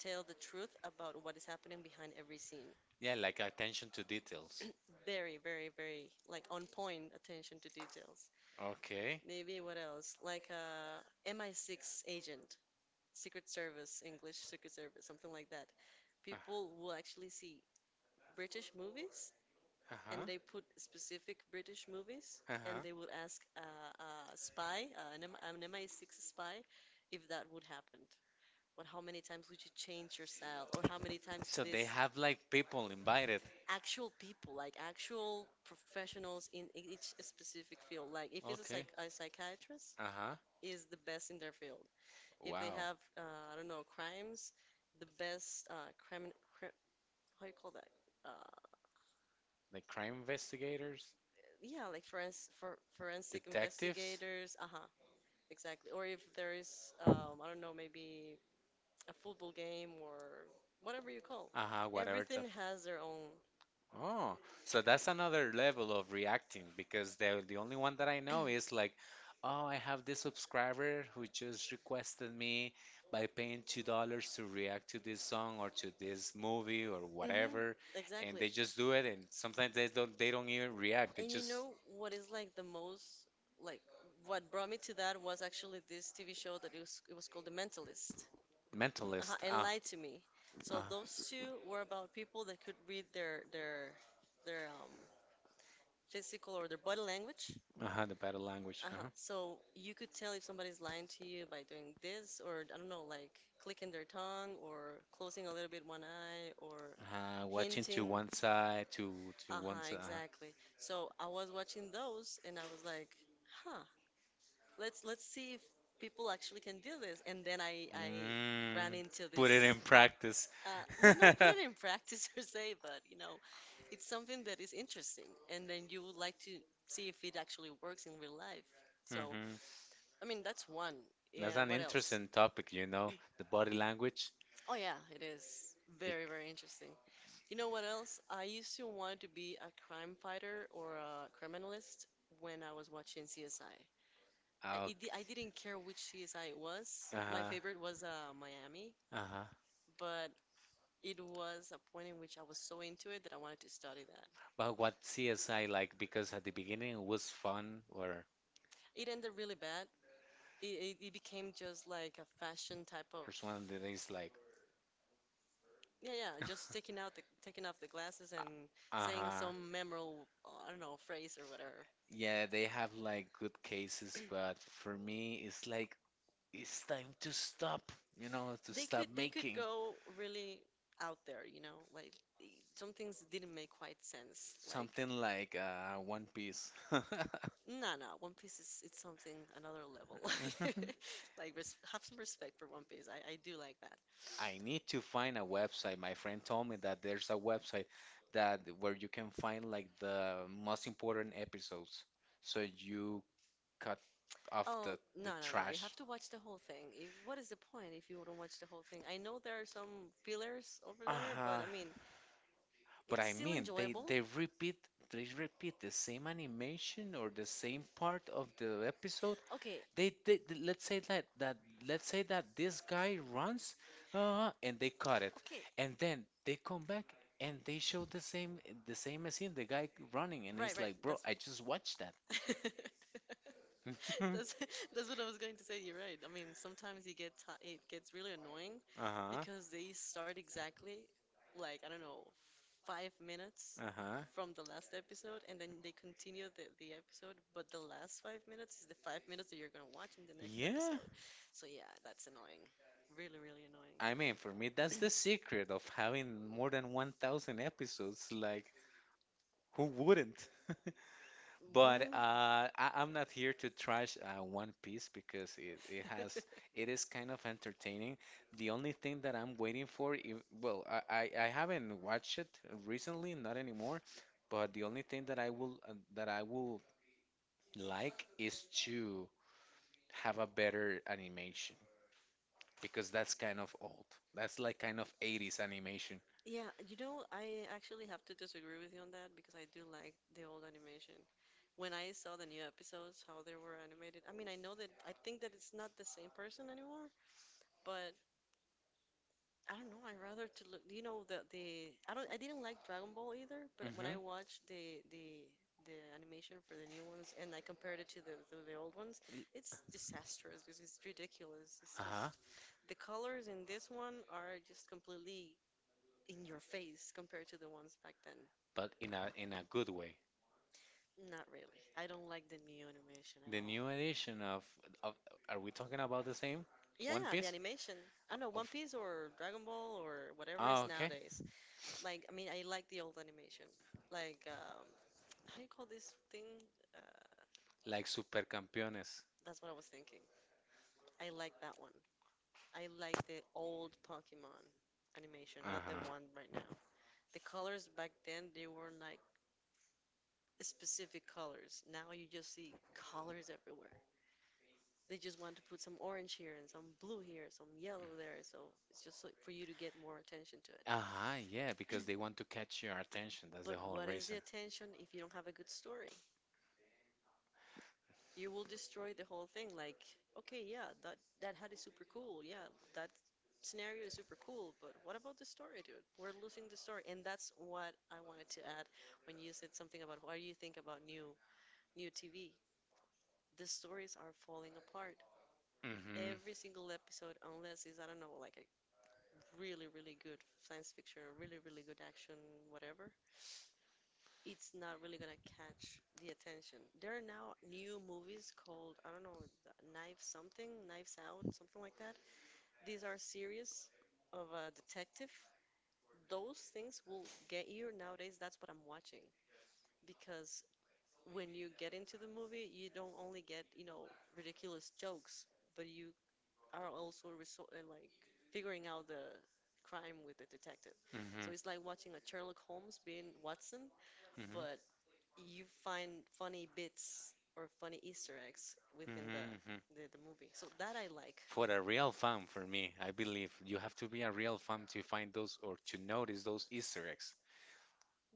[SPEAKER 1] tell the truth about what is happening behind every scene.
[SPEAKER 2] Yeah, like attention to details.
[SPEAKER 1] Very, very, very like on point attention to details.
[SPEAKER 2] Okay.
[SPEAKER 1] Maybe what else? Like a MI6 agent, Secret Service, English Secret Service, something like that.
[SPEAKER 2] Uh,
[SPEAKER 1] People will actually see British movies
[SPEAKER 2] uh-huh.
[SPEAKER 1] and they put specific British movies and
[SPEAKER 2] Uh-huh.
[SPEAKER 1] they will ask a spy, an MI6 spy, if that would happen. What? How many times would you change your style or how many times
[SPEAKER 2] So they
[SPEAKER 1] this?
[SPEAKER 2] have like people invited.
[SPEAKER 1] Actual people, like actual professionals in each specific field. Like if it's a,
[SPEAKER 2] Okay.
[SPEAKER 1] psych a psychiatrist,
[SPEAKER 2] Uh-huh.
[SPEAKER 1] is the best in their field. If they
[SPEAKER 2] Wow.
[SPEAKER 1] have, I don't know, crimes, the best crime, cri- how you call that? Uh,
[SPEAKER 2] Like crime investigators,
[SPEAKER 1] yeah, like for forensic
[SPEAKER 2] detectives,
[SPEAKER 1] investigators. Uh-huh, exactly. Or if there is, I don't know, maybe a football game or whatever you call.
[SPEAKER 2] uh-huh, whatever
[SPEAKER 1] Everything
[SPEAKER 2] type.
[SPEAKER 1] has their own.
[SPEAKER 2] Oh, so that's another level of reacting because the only one that I know is like, oh, I have this subscriber who just requested me by paying $2 to react to this song or to this movie or
[SPEAKER 1] hmm
[SPEAKER 2] whatever, and
[SPEAKER 1] exactly.
[SPEAKER 2] they just do it, and sometimes they don't even react. They
[SPEAKER 1] And you
[SPEAKER 2] just
[SPEAKER 1] know what is like the most like what brought me to that was actually this TV show that it was called The Mentalist. Uh-huh,
[SPEAKER 2] mentalist.
[SPEAKER 1] and
[SPEAKER 2] Ah,
[SPEAKER 1] Lie to Me.
[SPEAKER 2] uh,
[SPEAKER 1] So those two were about people that could read their physical or their body language.
[SPEAKER 2] uh-huh, the battle language.
[SPEAKER 1] Uh-huh.
[SPEAKER 2] Uh-huh.
[SPEAKER 1] So you could tell if somebody's lying to you by doing this or I don't know, like clicking their tongue or closing a little bit one eye or
[SPEAKER 2] Watching to
[SPEAKER 1] hinting.
[SPEAKER 2] one side, to one
[SPEAKER 1] Uh-huh,
[SPEAKER 2] side. Uh-huh.
[SPEAKER 1] exactly. So I was watching those and I was like, huh, let's see if people actually can do this. And then I
[SPEAKER 2] Mm,
[SPEAKER 1] ran into
[SPEAKER 2] put it
[SPEAKER 1] this.
[SPEAKER 2] in practice.
[SPEAKER 1] No, not put
[SPEAKER 2] Hmm.
[SPEAKER 1] it in practice per se, but you know, it's something that is interesting, and then you would like to see if it actually works in real life. So, I mean, that's one.
[SPEAKER 2] That's
[SPEAKER 1] Yeah,
[SPEAKER 2] an
[SPEAKER 1] what else?
[SPEAKER 2] interesting topic, you know, the body language.
[SPEAKER 1] Oh yeah, it is
[SPEAKER 2] It,
[SPEAKER 1] very, very interesting. You know what else? I used to want to be a crime fighter or a criminalist when I was watching CSI.
[SPEAKER 2] uh,
[SPEAKER 1] I didn't care which CSI it was. My
[SPEAKER 2] uh-huh,
[SPEAKER 1] favorite was Miami,
[SPEAKER 2] uh-huh.
[SPEAKER 1] but it was a point in which I was so into it that I wanted to study that.
[SPEAKER 2] But what CSI like? Because at the beginning it was fun, or
[SPEAKER 1] It ended really bad. It became just like a fashion type of.
[SPEAKER 2] there's one that is like.
[SPEAKER 1] Yeah, yeah, just taking out the taking off the glasses and saying
[SPEAKER 2] Uh-huh.
[SPEAKER 1] some memorable, I don't know, phrase or whatever.
[SPEAKER 2] Yeah, they have like good cases, but for me, it's like it's time to stop, you know, to
[SPEAKER 1] They
[SPEAKER 2] stop
[SPEAKER 1] could they could
[SPEAKER 2] making
[SPEAKER 1] go really out there, you know, like eh, some things didn't make quite sense. Like,
[SPEAKER 2] something like One Piece.
[SPEAKER 1] no, no, One Piece is it's something another level. Like res have some respect for One Piece. I do like that.
[SPEAKER 2] I need to find a website. My friend told me that there's a website that where you can find like the most important episodes, so you cut off
[SPEAKER 1] Oh, no,
[SPEAKER 2] the
[SPEAKER 1] no, no. You
[SPEAKER 2] trash.
[SPEAKER 1] have to watch the whole thing. If, what is the point if you don't watch the whole thing? I know there are some fillers over there, but
[SPEAKER 2] Huh.
[SPEAKER 1] I mean,
[SPEAKER 2] But
[SPEAKER 1] it's
[SPEAKER 2] I
[SPEAKER 1] still
[SPEAKER 2] mean, they
[SPEAKER 1] enjoyable.
[SPEAKER 2] they repeat they repeat the same animation or the same part of the episode.
[SPEAKER 1] Okay,
[SPEAKER 2] Let's say that this guy runs, and they cut it,
[SPEAKER 1] okay.
[SPEAKER 2] and then they come back and they show the same scene, the guy running, and
[SPEAKER 1] Right,
[SPEAKER 2] it's
[SPEAKER 1] right.
[SPEAKER 2] like, bro,
[SPEAKER 1] That's
[SPEAKER 2] I just watched that.
[SPEAKER 1] That's that's what I was going to say. You're right. I mean, sometimes you get ti it gets really annoying
[SPEAKER 2] Uh-huh.
[SPEAKER 1] because they start exactly like I don't know, 5 minutes
[SPEAKER 2] Uh-huh.
[SPEAKER 1] from the last episode, and then they continue the episode, but the last 5 minutes is the 5 minutes that you're gonna watch in the next
[SPEAKER 2] Yeah,
[SPEAKER 1] episode. So yeah, that's annoying. Really, really annoying.
[SPEAKER 2] I mean, for me, that's the secret of having more than 1,000 episodes. Like, who wouldn't? But
[SPEAKER 1] But,
[SPEAKER 2] I'm not here to trash One Piece because it has
[SPEAKER 1] mm.
[SPEAKER 2] it is kind of entertaining. The only thing that I'm waiting for, if, well, I haven't watched it recently, not anymore. But the only thing that I will like is to have a better animation, because that's kind of old. That's like kind of 80s animation.
[SPEAKER 1] Yeah, you know, I actually have to disagree with you on that because I do like the old animation. When I saw the new episodes, how they were animated, I mean, I know that I think that it's not the same person anymore, but I don't know. I rather to look, you know, the I don't I didn't like Dragon Ball either, but when I
[SPEAKER 2] Hmm.
[SPEAKER 1] watched the the animation for the new ones and I compared it to the old ones, it's disastrous because it's ridiculous. It's
[SPEAKER 2] Uh-huh.
[SPEAKER 1] just the colors in this one are just completely in your face compared to the ones back then.
[SPEAKER 2] But in a good way.
[SPEAKER 1] Not really. I don't like the new animation at
[SPEAKER 2] The
[SPEAKER 1] all.
[SPEAKER 2] new edition of are we talking about the same
[SPEAKER 1] Yeah,
[SPEAKER 2] One
[SPEAKER 1] yeah, the
[SPEAKER 2] Piece?
[SPEAKER 1] animation. I don't know, One
[SPEAKER 2] Of
[SPEAKER 1] Piece or Dragon Ball or whatever
[SPEAKER 2] oh,
[SPEAKER 1] is
[SPEAKER 2] okay.
[SPEAKER 1] nowadays. Like, I mean, I like the old animation. Like, how you call this thing? Uh,
[SPEAKER 2] Like Super Campeones.
[SPEAKER 1] that's what I was thinking. I like that one. I like the old Pokemon animation, not the
[SPEAKER 2] Uh-huh.
[SPEAKER 1] one right now. The colors back then, they were like specific colors. Now you just see colors everywhere. They just want to put some orange here and some blue here, some yellow there. So it's just like for you to get more attention to it.
[SPEAKER 2] Uh-huh, yeah, because they want to catch your attention. That's
[SPEAKER 1] But
[SPEAKER 2] the whole
[SPEAKER 1] what is the
[SPEAKER 2] reason.
[SPEAKER 1] attention if you don't have a good story? You will destroy the whole thing. Like, okay, yeah, that that hat is super cool. Yeah, that scenario is super cool. But what about the story, dude? We're losing the story, and that's what I wanted to add when you said something about what do you think about new new TV? The stories are falling apart
[SPEAKER 2] Mm-hmm.
[SPEAKER 1] every single episode unless it's I don't know like a really, really good science fiction or really, really good action, whatever, it's not really gonna catch the attention. There are now new movies called, I don't know, th- Knife something, Knives Out, something like that. These are series of a detective. Those things will get you nowadays. That's what I'm watching because when you get into the movie, you don't only get, you know, ridiculous jokes, but you are also resol- like figuring out the crime with the detective. So
[SPEAKER 2] Mm-hmm.
[SPEAKER 1] it's like watching a Sherlock Holmes being Watson, but you find funny bits or funny Easter eggs within the
[SPEAKER 2] Mm-hmm.
[SPEAKER 1] the movie. So that I like.
[SPEAKER 2] For a real fan, for me, I believe you have to be a real fan to find those or to notice those Easter eggs.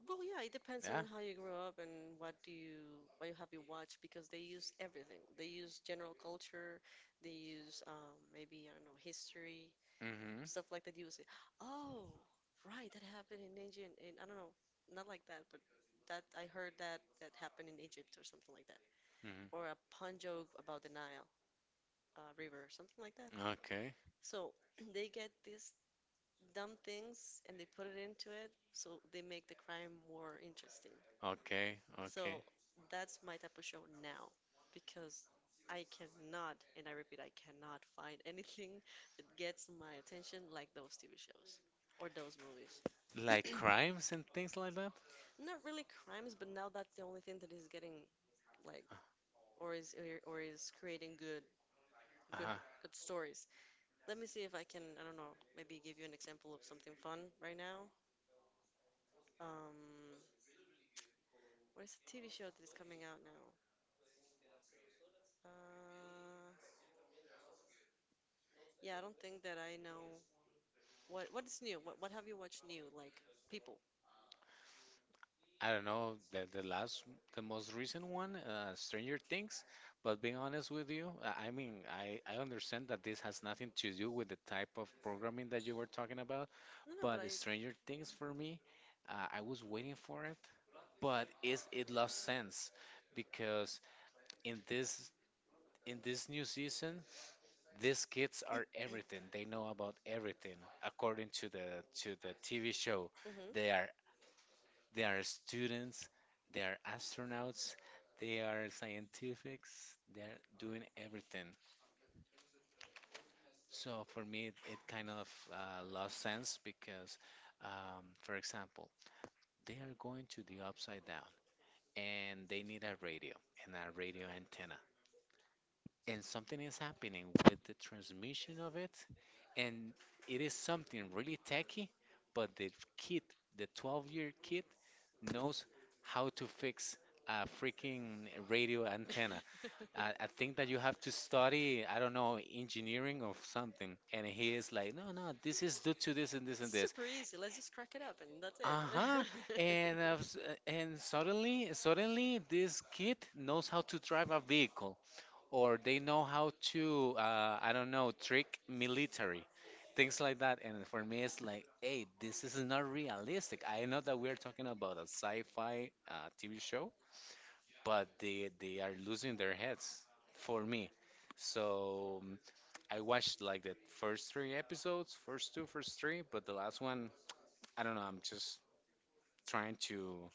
[SPEAKER 1] Well, yeah, it depends on
[SPEAKER 2] Yeah.
[SPEAKER 1] how you grew up and what do you what you have you watch because they use everything. They use general culture, they use maybe I don't know history,
[SPEAKER 2] Mm-hmm.
[SPEAKER 1] stuff like that. You would say, "Oh, right, that happened in Egypt." And I don't know, not like that, but that I heard that that happened in Egypt or something like that,
[SPEAKER 2] Mm-hmm.
[SPEAKER 1] or a pun joke about the Nile River, something like that.
[SPEAKER 2] Okay.
[SPEAKER 1] So they get these dumb things and they put it into it, so they make the crime more interesting.
[SPEAKER 2] Okay. Okay.
[SPEAKER 1] So that's my type of show now because I cannot, and I repeat, I cannot find anything that gets my attention like those TV shows or those movies.
[SPEAKER 2] Like crimes and things like that.
[SPEAKER 1] Not really crimes, but now that's the only thing that is getting like or is or is creating good good
[SPEAKER 2] Uh-huh.
[SPEAKER 1] good stories. Let me see if I can, I don't know, maybe give you an example of something fun right now. Um, what is the TV show that is coming out now? Uh, yeah, I don't think that I know what is new. What have you watched new? Like people.
[SPEAKER 2] I don't know the last, the most recent one, Stranger Things. But being honest with you, I understand that this has nothing to do with the type of programming that you were talking about.
[SPEAKER 1] No, no, but I.
[SPEAKER 2] But Stranger Things for me, I was waiting for it, but is it lost sense because in this in this new season, these kids are everything. They know about everything according to the TV show.
[SPEAKER 1] Mhm.
[SPEAKER 2] They are they are students, they are astronauts, they are scientifics. They're doing everything. So for me, it kind of lost sense because, for example, they are going to the upside down, and they need a radio and a radio antenna. And something is happening with the transmission of it, and it is something really techy, but the kid, the 12-year kid, knows how to fix a freaking radio antenna.
[SPEAKER 1] Then
[SPEAKER 2] I think that you have to study, I don't know, engineering or something. And he is
[SPEAKER 1] no,
[SPEAKER 2] like, no, no,
[SPEAKER 1] no,
[SPEAKER 2] this is due to this and this and this.
[SPEAKER 1] super easy. Let's just crack it up, and that's it.
[SPEAKER 2] Uh-huh.
[SPEAKER 1] And
[SPEAKER 2] And suddenly, this kid knows how to drive a vehicle, or they know how to, I don't know, trick military, things like that. And for me, it's like, hey, this is not realistic. I know that we're talking about a sci-fi TV show, but they are losing their heads for me. So mm, I watched like the first three episodes, first two, first three, but the last one, I don't know. I'm just trying to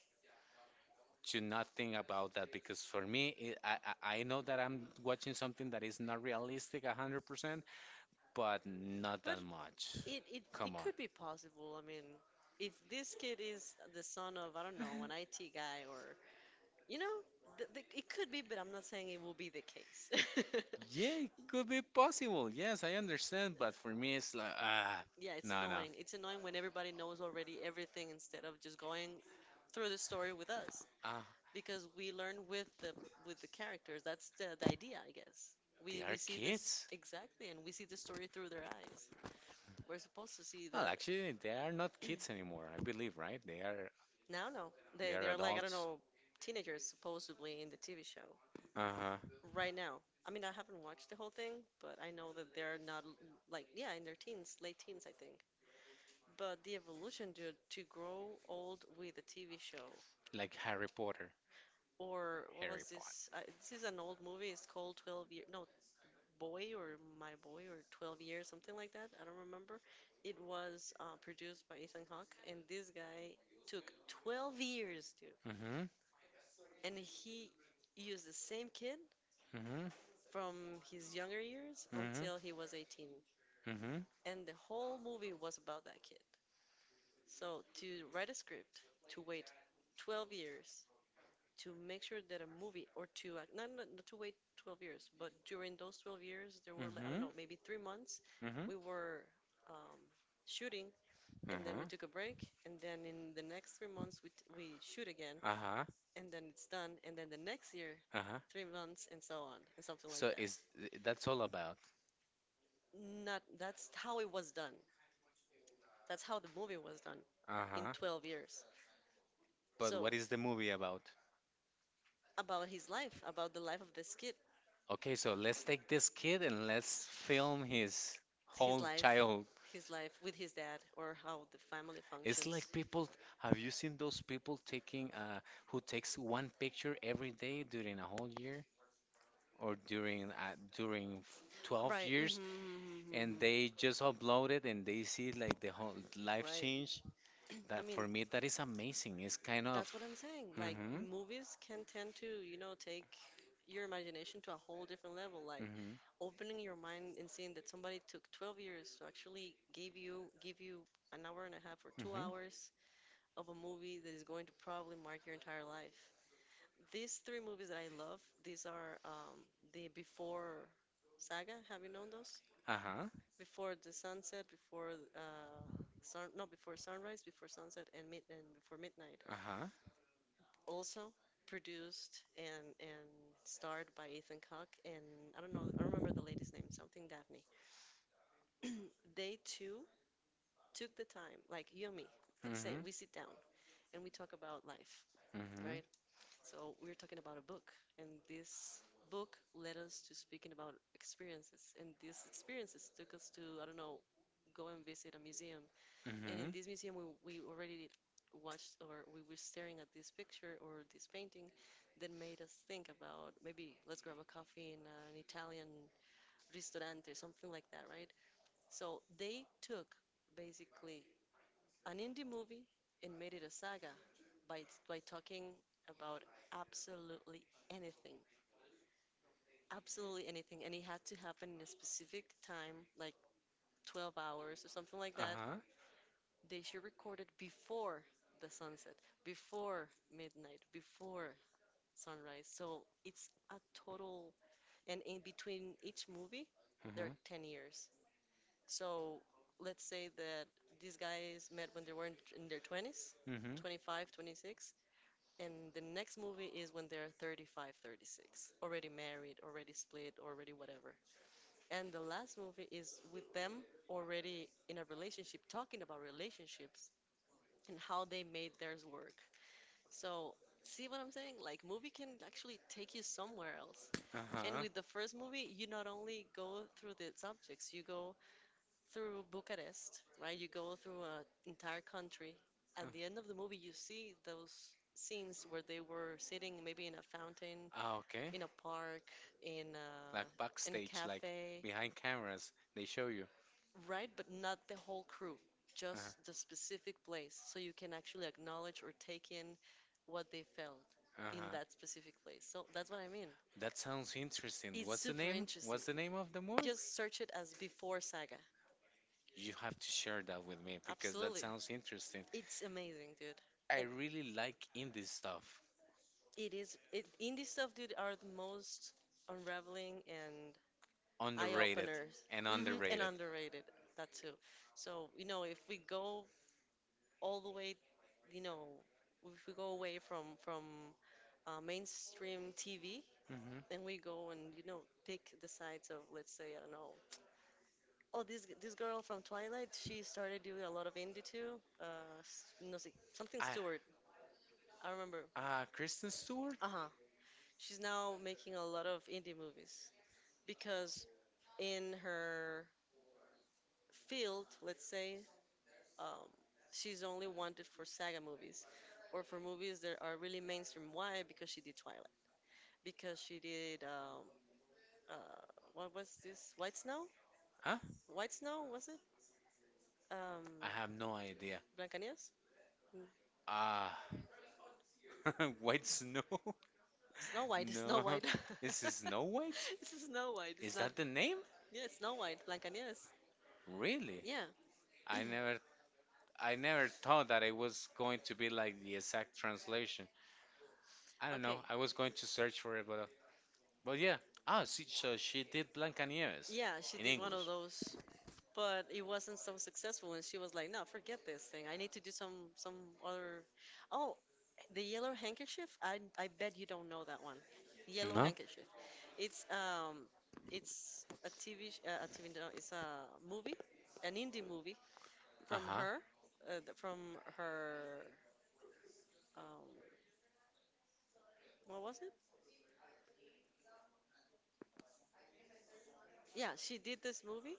[SPEAKER 2] not think about that because for me, it, I know that I'm watching something that is not realistic 100%, but not
[SPEAKER 1] But
[SPEAKER 2] that
[SPEAKER 1] it.
[SPEAKER 2] much.
[SPEAKER 1] it, it it
[SPEAKER 2] Come on.
[SPEAKER 1] could be possible. I mean, if this kid is the son of I don't know an IT guy or you know, th th it could be, but I'm not saying it will be the case.
[SPEAKER 2] Yeah, it could be possible. Yes, I understand, but for me, it's like ah,
[SPEAKER 1] Yeah, it's
[SPEAKER 2] no, no,
[SPEAKER 1] annoying. It's annoying when everybody knows already everything instead of just going through the story with us
[SPEAKER 2] ah,
[SPEAKER 1] because we learn with the characters. That's the idea, I guess.
[SPEAKER 2] they are
[SPEAKER 1] We see this
[SPEAKER 2] kids.
[SPEAKER 1] exactly, and we see the story through their eyes. We're supposed to see the
[SPEAKER 2] Well, actually, they are not kids anymore, I believe, right? They are
[SPEAKER 1] now, no,
[SPEAKER 2] they
[SPEAKER 1] they
[SPEAKER 2] are
[SPEAKER 1] are like I don't
[SPEAKER 2] adults.
[SPEAKER 1] know teenagers supposedly in the TV show
[SPEAKER 2] Uh-huh.
[SPEAKER 1] right now. I mean, I haven't watched the whole thing, but I know that they're not l- like yeah in their teens, late teens, I think. But the evolution to grow old with a TV show
[SPEAKER 2] Like Harry Potter.
[SPEAKER 1] or what
[SPEAKER 2] Harry
[SPEAKER 1] was this?
[SPEAKER 2] Potter.
[SPEAKER 1] This is an old movie. It's called 12 year, no, Boy or My Boy or 12 years, something like that. I don't remember. It was produced by Ethan Hawke, and this guy took 12 years, dude,
[SPEAKER 2] Mm-hmm.
[SPEAKER 1] and he used the same kid
[SPEAKER 2] Mm-hmm.
[SPEAKER 1] from his younger years
[SPEAKER 2] Mm-hmm.
[SPEAKER 1] until he was 18,
[SPEAKER 2] Mm-hmm.
[SPEAKER 1] and the whole movie was about that kid. So to write a script, to wait 12 years to make sure that a movie or two, not, not, not to wait 12 years, but during those 12 years, there were, like, I don't
[SPEAKER 2] Mm-hmm.
[SPEAKER 1] know, maybe 3 months,
[SPEAKER 2] Mm-hmm.
[SPEAKER 1] we were um, shooting and then we
[SPEAKER 2] Mm-hmm.
[SPEAKER 1] took a break. And then in the next 3 months, we, t- we shoot again
[SPEAKER 2] Uh-huh.
[SPEAKER 1] and then it's done. And then the next year,
[SPEAKER 2] Uh-huh.
[SPEAKER 1] 3 months and so on and something like
[SPEAKER 2] So
[SPEAKER 1] that.
[SPEAKER 2] is that's all about.
[SPEAKER 1] Not, that's how it was done. That's how the movie was done in
[SPEAKER 2] Uh-huh.
[SPEAKER 1] 12 years.
[SPEAKER 2] But
[SPEAKER 1] So
[SPEAKER 2] what is the movie about?
[SPEAKER 1] about his life, about the life of this kid.
[SPEAKER 2] Okay, so let's take this kid and let's film his
[SPEAKER 1] His
[SPEAKER 2] whole
[SPEAKER 1] life,
[SPEAKER 2] childhood.
[SPEAKER 1] his life with his dad, or how the family
[SPEAKER 2] It's like
[SPEAKER 1] functions.
[SPEAKER 2] people, have you seen those people taking who takes one picture every day during a whole year or during 12
[SPEAKER 1] Right.
[SPEAKER 2] years
[SPEAKER 1] Mm-hmm,
[SPEAKER 2] and they just
[SPEAKER 1] mm-hmm.
[SPEAKER 2] upload it and they see like the whole life
[SPEAKER 1] Right.
[SPEAKER 2] change?
[SPEAKER 1] I
[SPEAKER 2] That
[SPEAKER 1] mean,
[SPEAKER 2] for me that is amazing. It's kind of
[SPEAKER 1] that's what I'm saying. Like,
[SPEAKER 2] mm-hmm,
[SPEAKER 1] movies can tend to, you know, take your imagination to a whole different level. Like,
[SPEAKER 2] mm-hmm,
[SPEAKER 1] opening your mind and seeing that somebody took 12 years to actually give you an hour and a half or two
[SPEAKER 2] mm-hmm,
[SPEAKER 1] hours of a movie that is going to probably mark your entire life. These three movies that I love, these are the Before saga. Have you known those?
[SPEAKER 2] uh-huh,
[SPEAKER 1] Before the sunset, before uh, sun, no, before sunrise, before sunset, and mid and before midnight.
[SPEAKER 2] uh-huh,
[SPEAKER 1] Also produced and starred by Ethan Hawke and I don't know, I don't remember the lady's name, something Daphne. They too took the time, like you and me. Let's say
[SPEAKER 2] mm-hmm,
[SPEAKER 1] we sit down and we talk about life,
[SPEAKER 2] mm-hmm,
[SPEAKER 1] right? So we're talking about a book, and this book led us to speaking about experiences, and these experiences took us to I don't know, go and visit a museum, and
[SPEAKER 2] mm-hmm,
[SPEAKER 1] in this museum we already watched or we were staring at this picture or this painting that made us think about maybe let's grab a coffee in an Italian restaurant or something like that, right? So they took basically an indie movie and made it a saga by by talking about absolutely anything, absolutely anything, and it had to happen in a specific time, like 12 hours or something like that.
[SPEAKER 2] uh-huh.
[SPEAKER 1] They should record it before the sunset, before midnight, before sunrise. So it's a total, and in between each movie, there are
[SPEAKER 2] Mm-hmm.
[SPEAKER 1] 10 years. So let's say that these guys met when they were in their 20s.
[SPEAKER 2] Mm-hmm.
[SPEAKER 1] 25, 26. And the next movie is when they're 35, 36, already married, already split, already whatever. And the last movie is with them already in a relationship, talking about relationships and how they made theirs work. So, see what I'm saying? Like, movie can actually take you somewhere else.
[SPEAKER 2] Uh-huh.
[SPEAKER 1] And with the first movie, you not only go through the subjects, you go through Bucharest, right? You go through an entire country. At the end of the movie, you see those scenes where they were sitting maybe in a fountain,
[SPEAKER 2] Ah, okay.
[SPEAKER 1] in a park,
[SPEAKER 2] Like
[SPEAKER 1] in a
[SPEAKER 2] backstage, like
[SPEAKER 1] cafe,
[SPEAKER 2] behind cameras, they show you.
[SPEAKER 1] right? But not the whole crew,
[SPEAKER 2] Uh-huh.
[SPEAKER 1] just the specific place. So you can actually acknowledge or take in what they felt in
[SPEAKER 2] Uh-huh.
[SPEAKER 1] that specific place. So that's what I mean.
[SPEAKER 2] That sounds interesting.
[SPEAKER 1] It's
[SPEAKER 2] What's the
[SPEAKER 1] super
[SPEAKER 2] name?
[SPEAKER 1] interesting.
[SPEAKER 2] What's the name of the movie?
[SPEAKER 1] Just search it as Before Saga.
[SPEAKER 2] You have to share that with me because that
[SPEAKER 1] Absolutely.
[SPEAKER 2] sounds interesting.
[SPEAKER 1] It's amazing, dude.
[SPEAKER 2] I
[SPEAKER 1] And
[SPEAKER 2] really like indie stuff.
[SPEAKER 1] It is. Indie stuff, dude, are the most unraveling and eye
[SPEAKER 2] Underrated
[SPEAKER 1] openers.
[SPEAKER 2] and
[SPEAKER 1] Hmm, and
[SPEAKER 2] underrated.
[SPEAKER 1] underrated. That too. So, if we go all the way, you know, if we go away from mainstream TV, and we go and, pick the sides of, let's say, I don't know. Oh, this girl from Twilight, she started doing a lot of indie too. No, sé, something
[SPEAKER 2] I
[SPEAKER 1] Stewart. I remember.
[SPEAKER 2] Kristen Stewart?
[SPEAKER 1] Uh-huh. She's now making a lot of indie movies, because in her field, let's say, um, she's only wanted for saga movies or for movies that are really mainstream. Why? Because she did Twilight. Because she did uh, what was this? White Snow?
[SPEAKER 2] Huh?
[SPEAKER 1] White Snow, was it?
[SPEAKER 2] I
[SPEAKER 1] Um,
[SPEAKER 2] have no idea.
[SPEAKER 1] Blancanieves? N-
[SPEAKER 2] Ah, White Snow?
[SPEAKER 1] Snow White. Snow
[SPEAKER 2] No.
[SPEAKER 1] White.
[SPEAKER 2] This is Snow White?
[SPEAKER 1] It's Snow White. It's
[SPEAKER 2] Is
[SPEAKER 1] not.
[SPEAKER 2] that the name?
[SPEAKER 1] Yeah, it's Snow White. Blancanieves.
[SPEAKER 2] Really?
[SPEAKER 1] Yeah.
[SPEAKER 2] I never I never thought that it was going to be like the exact translation. I don't know.
[SPEAKER 1] Okay.
[SPEAKER 2] I was going to search for it, but yeah. Ah, she, so she did Blancanieves
[SPEAKER 1] Yeah, she
[SPEAKER 2] in
[SPEAKER 1] did one of
[SPEAKER 2] English.
[SPEAKER 1] those, but it wasn't so successful and she was like, no, forget this thing, I need to do some other. Oh, the Yellow Handkerchief. I bet you don't know that one. Yellow
[SPEAKER 2] No?
[SPEAKER 1] Handkerchief. It's it's a a TV, no, it's a movie, an indie movie from
[SPEAKER 2] Uh-huh.
[SPEAKER 1] her, from her, um what was it? Yeah, she did this movie,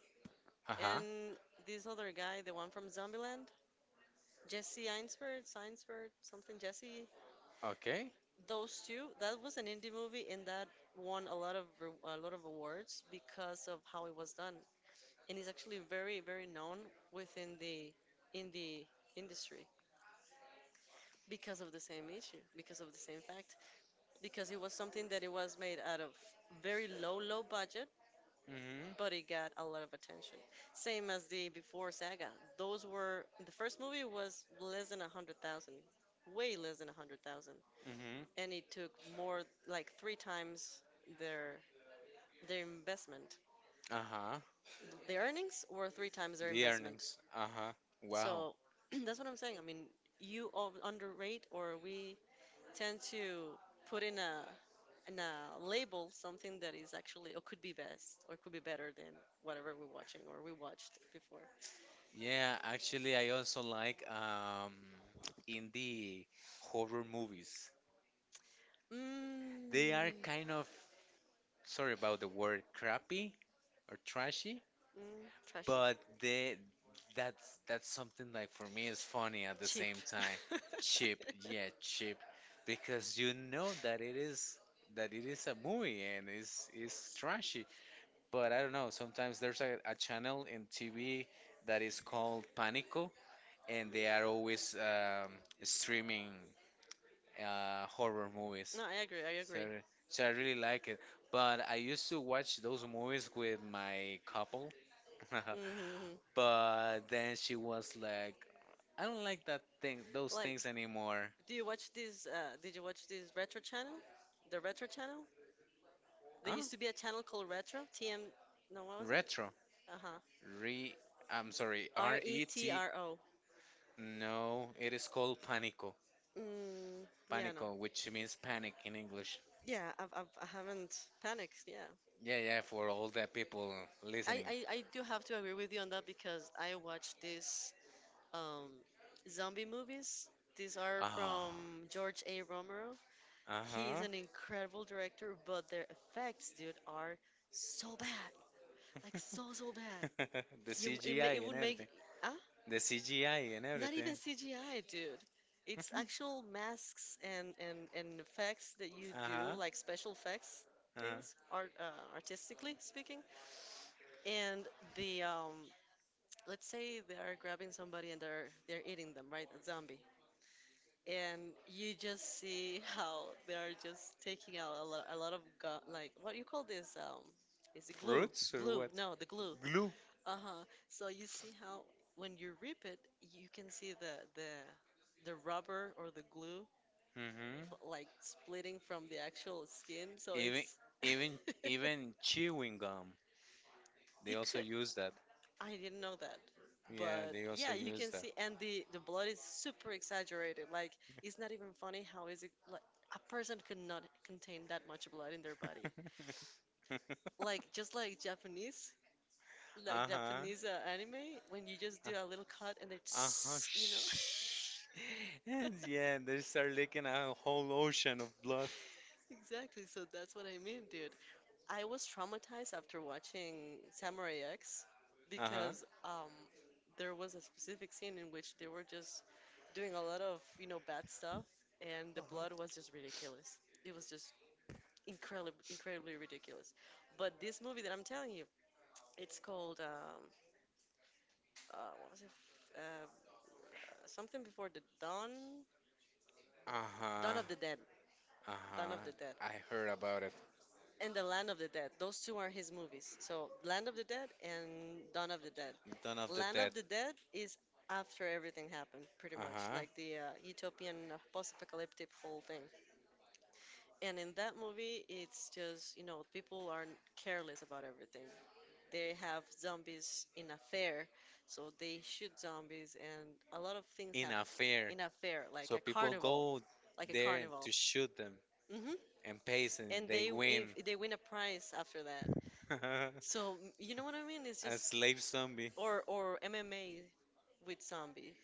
[SPEAKER 2] Uh-huh.
[SPEAKER 1] and this other guy, the one from Zombieland, Jesse Einsberg, Einsberg something, Jesse.
[SPEAKER 2] Okay.
[SPEAKER 1] Those two. That was an indie movie, and that won a lot of a lot of awards because of how it was done, and it's actually very, very known within the indie industry, because of the same issue, because of the same fact, because it was something that it was made out of very low budget,
[SPEAKER 2] Hmm.
[SPEAKER 1] but it got a lot of attention. Same as the Before Saga, those were, the first movie was less than a hundred thousand, way less than a hundred thousand,
[SPEAKER 2] Hmm.
[SPEAKER 1] and it took more like three times their investment.
[SPEAKER 2] Uh-huh.
[SPEAKER 1] The earnings were three times their
[SPEAKER 2] The
[SPEAKER 1] investment.
[SPEAKER 2] earnings. Uh-huh. Wow.
[SPEAKER 1] So that's what I'm saying. I mean, you underrate, or we tend to put in a label something that is actually or could be best or could be better than whatever we're watching or we watched before.
[SPEAKER 2] Yeah, actually I also like indie horror movies.
[SPEAKER 1] Mm,
[SPEAKER 2] They are kind of sorry about the word crappy or trashy,
[SPEAKER 1] mm, trashy,
[SPEAKER 2] but they that's something like for me is funny at the
[SPEAKER 1] cheap.
[SPEAKER 2] same time. Cheap, yeah, cheap. Because you know that it is a movie and it's trashy. But I don't know, sometimes there's a channel in TV that is called Panico and they are always streaming horror movies.
[SPEAKER 1] No, I agree. I
[SPEAKER 2] So,
[SPEAKER 1] agree.
[SPEAKER 2] so I really like it. But I used to watch those movies with my couple,
[SPEAKER 1] Hmm.
[SPEAKER 2] but then she was like, "I don't like that thing, those
[SPEAKER 1] Like,
[SPEAKER 2] things anymore."
[SPEAKER 1] do you watch this? Did you watch this retro channel? The retro channel? There
[SPEAKER 2] Huh?
[SPEAKER 1] used to be a channel called Retro TM. No, what was it?
[SPEAKER 2] Retro.
[SPEAKER 1] Uh huh.
[SPEAKER 2] Re. I'm sorry.
[SPEAKER 1] R
[SPEAKER 2] R
[SPEAKER 1] E
[SPEAKER 2] E
[SPEAKER 1] T
[SPEAKER 2] T.
[SPEAKER 1] R O.
[SPEAKER 2] No, it is called Panico.
[SPEAKER 1] Mm, yeah, no.
[SPEAKER 2] Panico, which means panic in English.
[SPEAKER 1] Yeah, I haven't panicked. Yeah,
[SPEAKER 2] Yeah, yeah. For all the people listening.
[SPEAKER 1] I do have to agree with you on that because I watched these um, zombie movies. These are from
[SPEAKER 2] Ah.
[SPEAKER 1] George A. Romero.
[SPEAKER 2] Uh
[SPEAKER 1] He is
[SPEAKER 2] huh.
[SPEAKER 1] an incredible director, but their effects, dude, are so bad. Like, so, so bad.
[SPEAKER 2] The
[SPEAKER 1] You it, ma-
[SPEAKER 2] CGI
[SPEAKER 1] it
[SPEAKER 2] and
[SPEAKER 1] would
[SPEAKER 2] everything.
[SPEAKER 1] make ah
[SPEAKER 2] The CGI and
[SPEAKER 1] Not
[SPEAKER 2] everything.
[SPEAKER 1] even CGI, dude. It's actual masks and and effects that you do,
[SPEAKER 2] Uh-huh.
[SPEAKER 1] like special effects
[SPEAKER 2] Uh-huh.
[SPEAKER 1] things, art artistically speaking. And the let's say they are grabbing somebody and they're eating them, right? A zombie. And you just see how they are just taking out a lot of like what you call this. Is it glue?
[SPEAKER 2] Fruits or
[SPEAKER 1] Glue?
[SPEAKER 2] what?
[SPEAKER 1] No, the glue.
[SPEAKER 2] Glue.
[SPEAKER 1] Uh-huh. So you see how when you rip it, you can see the the rubber or the glue
[SPEAKER 2] Mm-hmm.
[SPEAKER 1] like splitting from the actual skin. So
[SPEAKER 2] Even
[SPEAKER 1] it's
[SPEAKER 2] even even chewing gum. They
[SPEAKER 1] it
[SPEAKER 2] also
[SPEAKER 1] could.
[SPEAKER 2] use that.
[SPEAKER 1] I didn't know that.
[SPEAKER 2] Yeah,
[SPEAKER 1] But
[SPEAKER 2] they also
[SPEAKER 1] yeah, you
[SPEAKER 2] use
[SPEAKER 1] can
[SPEAKER 2] that.
[SPEAKER 1] see, and the blood is super exaggerated. Like, it's not even funny, how is it like a person could not contain that much blood in their body. Like just like Japanese, like
[SPEAKER 2] Uh-huh.
[SPEAKER 1] Japanese anime, when you just
[SPEAKER 2] Uh,
[SPEAKER 1] do a little cut and
[SPEAKER 2] uh-huh.
[SPEAKER 1] it's, you know
[SPEAKER 2] Shh. And yeah, they start leaking a whole ocean of blood.
[SPEAKER 1] Exactly, so that's what I mean, dude. I was traumatized after watching Samurai X
[SPEAKER 2] Uh-huh.
[SPEAKER 1] because there was a specific scene in which they were just doing a lot of, bad stuff, and the blood was just ridiculous. It was just incredibly, incredibly ridiculous. But this movie that I'm telling you, it's called what was it? Uh, Something Before the Dawn, Dawn
[SPEAKER 2] Uh-huh.
[SPEAKER 1] of the Dead, Dawn
[SPEAKER 2] Uh-huh.
[SPEAKER 1] of the Dead,
[SPEAKER 2] I heard about it.
[SPEAKER 1] and The Land of the Dead. Those two are his movies. So Land of the Dead and Dawn of the Dead.
[SPEAKER 2] Dawn of the
[SPEAKER 1] Land
[SPEAKER 2] Dead.
[SPEAKER 1] of the Dead is after everything happened, pretty
[SPEAKER 2] Uh
[SPEAKER 1] much,
[SPEAKER 2] huh.
[SPEAKER 1] like the utopian post-apocalyptic whole thing. And in that movie, it's just, people are careless about everything. They have zombies in a fair, so they shoot zombies, and a lot of things
[SPEAKER 2] In a
[SPEAKER 1] happen
[SPEAKER 2] fair.
[SPEAKER 1] in a fair, like
[SPEAKER 2] So
[SPEAKER 1] a
[SPEAKER 2] people
[SPEAKER 1] carnival,
[SPEAKER 2] go
[SPEAKER 1] like a
[SPEAKER 2] there
[SPEAKER 1] carnival.
[SPEAKER 2] to shoot them
[SPEAKER 1] Hmm.
[SPEAKER 2] and pace and
[SPEAKER 1] And
[SPEAKER 2] they
[SPEAKER 1] they, if
[SPEAKER 2] win.
[SPEAKER 1] they win a prize after that.
[SPEAKER 2] A
[SPEAKER 1] So you know what I mean? It's just
[SPEAKER 2] slave zombie.
[SPEAKER 1] or MMA with zombies,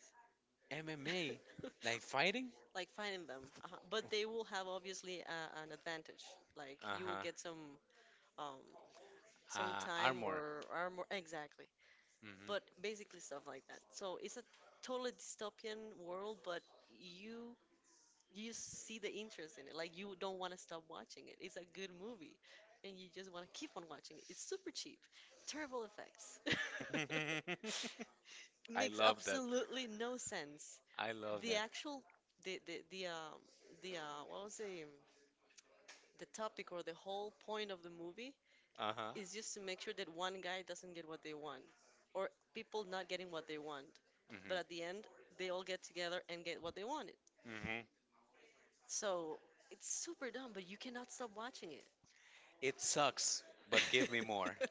[SPEAKER 2] MMA. Like fighting?
[SPEAKER 1] like fighting them. But they will have obviously an advantage. Like,
[SPEAKER 2] Uh
[SPEAKER 1] you will
[SPEAKER 2] huh.
[SPEAKER 1] get um some time
[SPEAKER 2] Armor.
[SPEAKER 1] or armor, exactly. But
[SPEAKER 2] Hmm.
[SPEAKER 1] basically stuff like that. So it's a totally dystopian world, but you you see the interest in it. Like, you don't want to stop watching it. It's a good movie, and you just want to keep on watching it. It's super cheap, terrible effects.
[SPEAKER 2] I
[SPEAKER 1] Makes
[SPEAKER 2] love that.
[SPEAKER 1] absolutely no sense.
[SPEAKER 2] I love
[SPEAKER 1] The
[SPEAKER 2] that.
[SPEAKER 1] actual, the the the uh, the what was the topic or the whole point of the movie
[SPEAKER 2] Uh huh.
[SPEAKER 1] is just to make sure that one guy doesn't get what they want, or people not getting what they want. But
[SPEAKER 2] Hmm.
[SPEAKER 1] at the end, they all get together and get what they wanted.
[SPEAKER 2] Hmm.
[SPEAKER 1] So it's super dumb, but you cannot stop watching it.
[SPEAKER 2] It sucks, but give me more.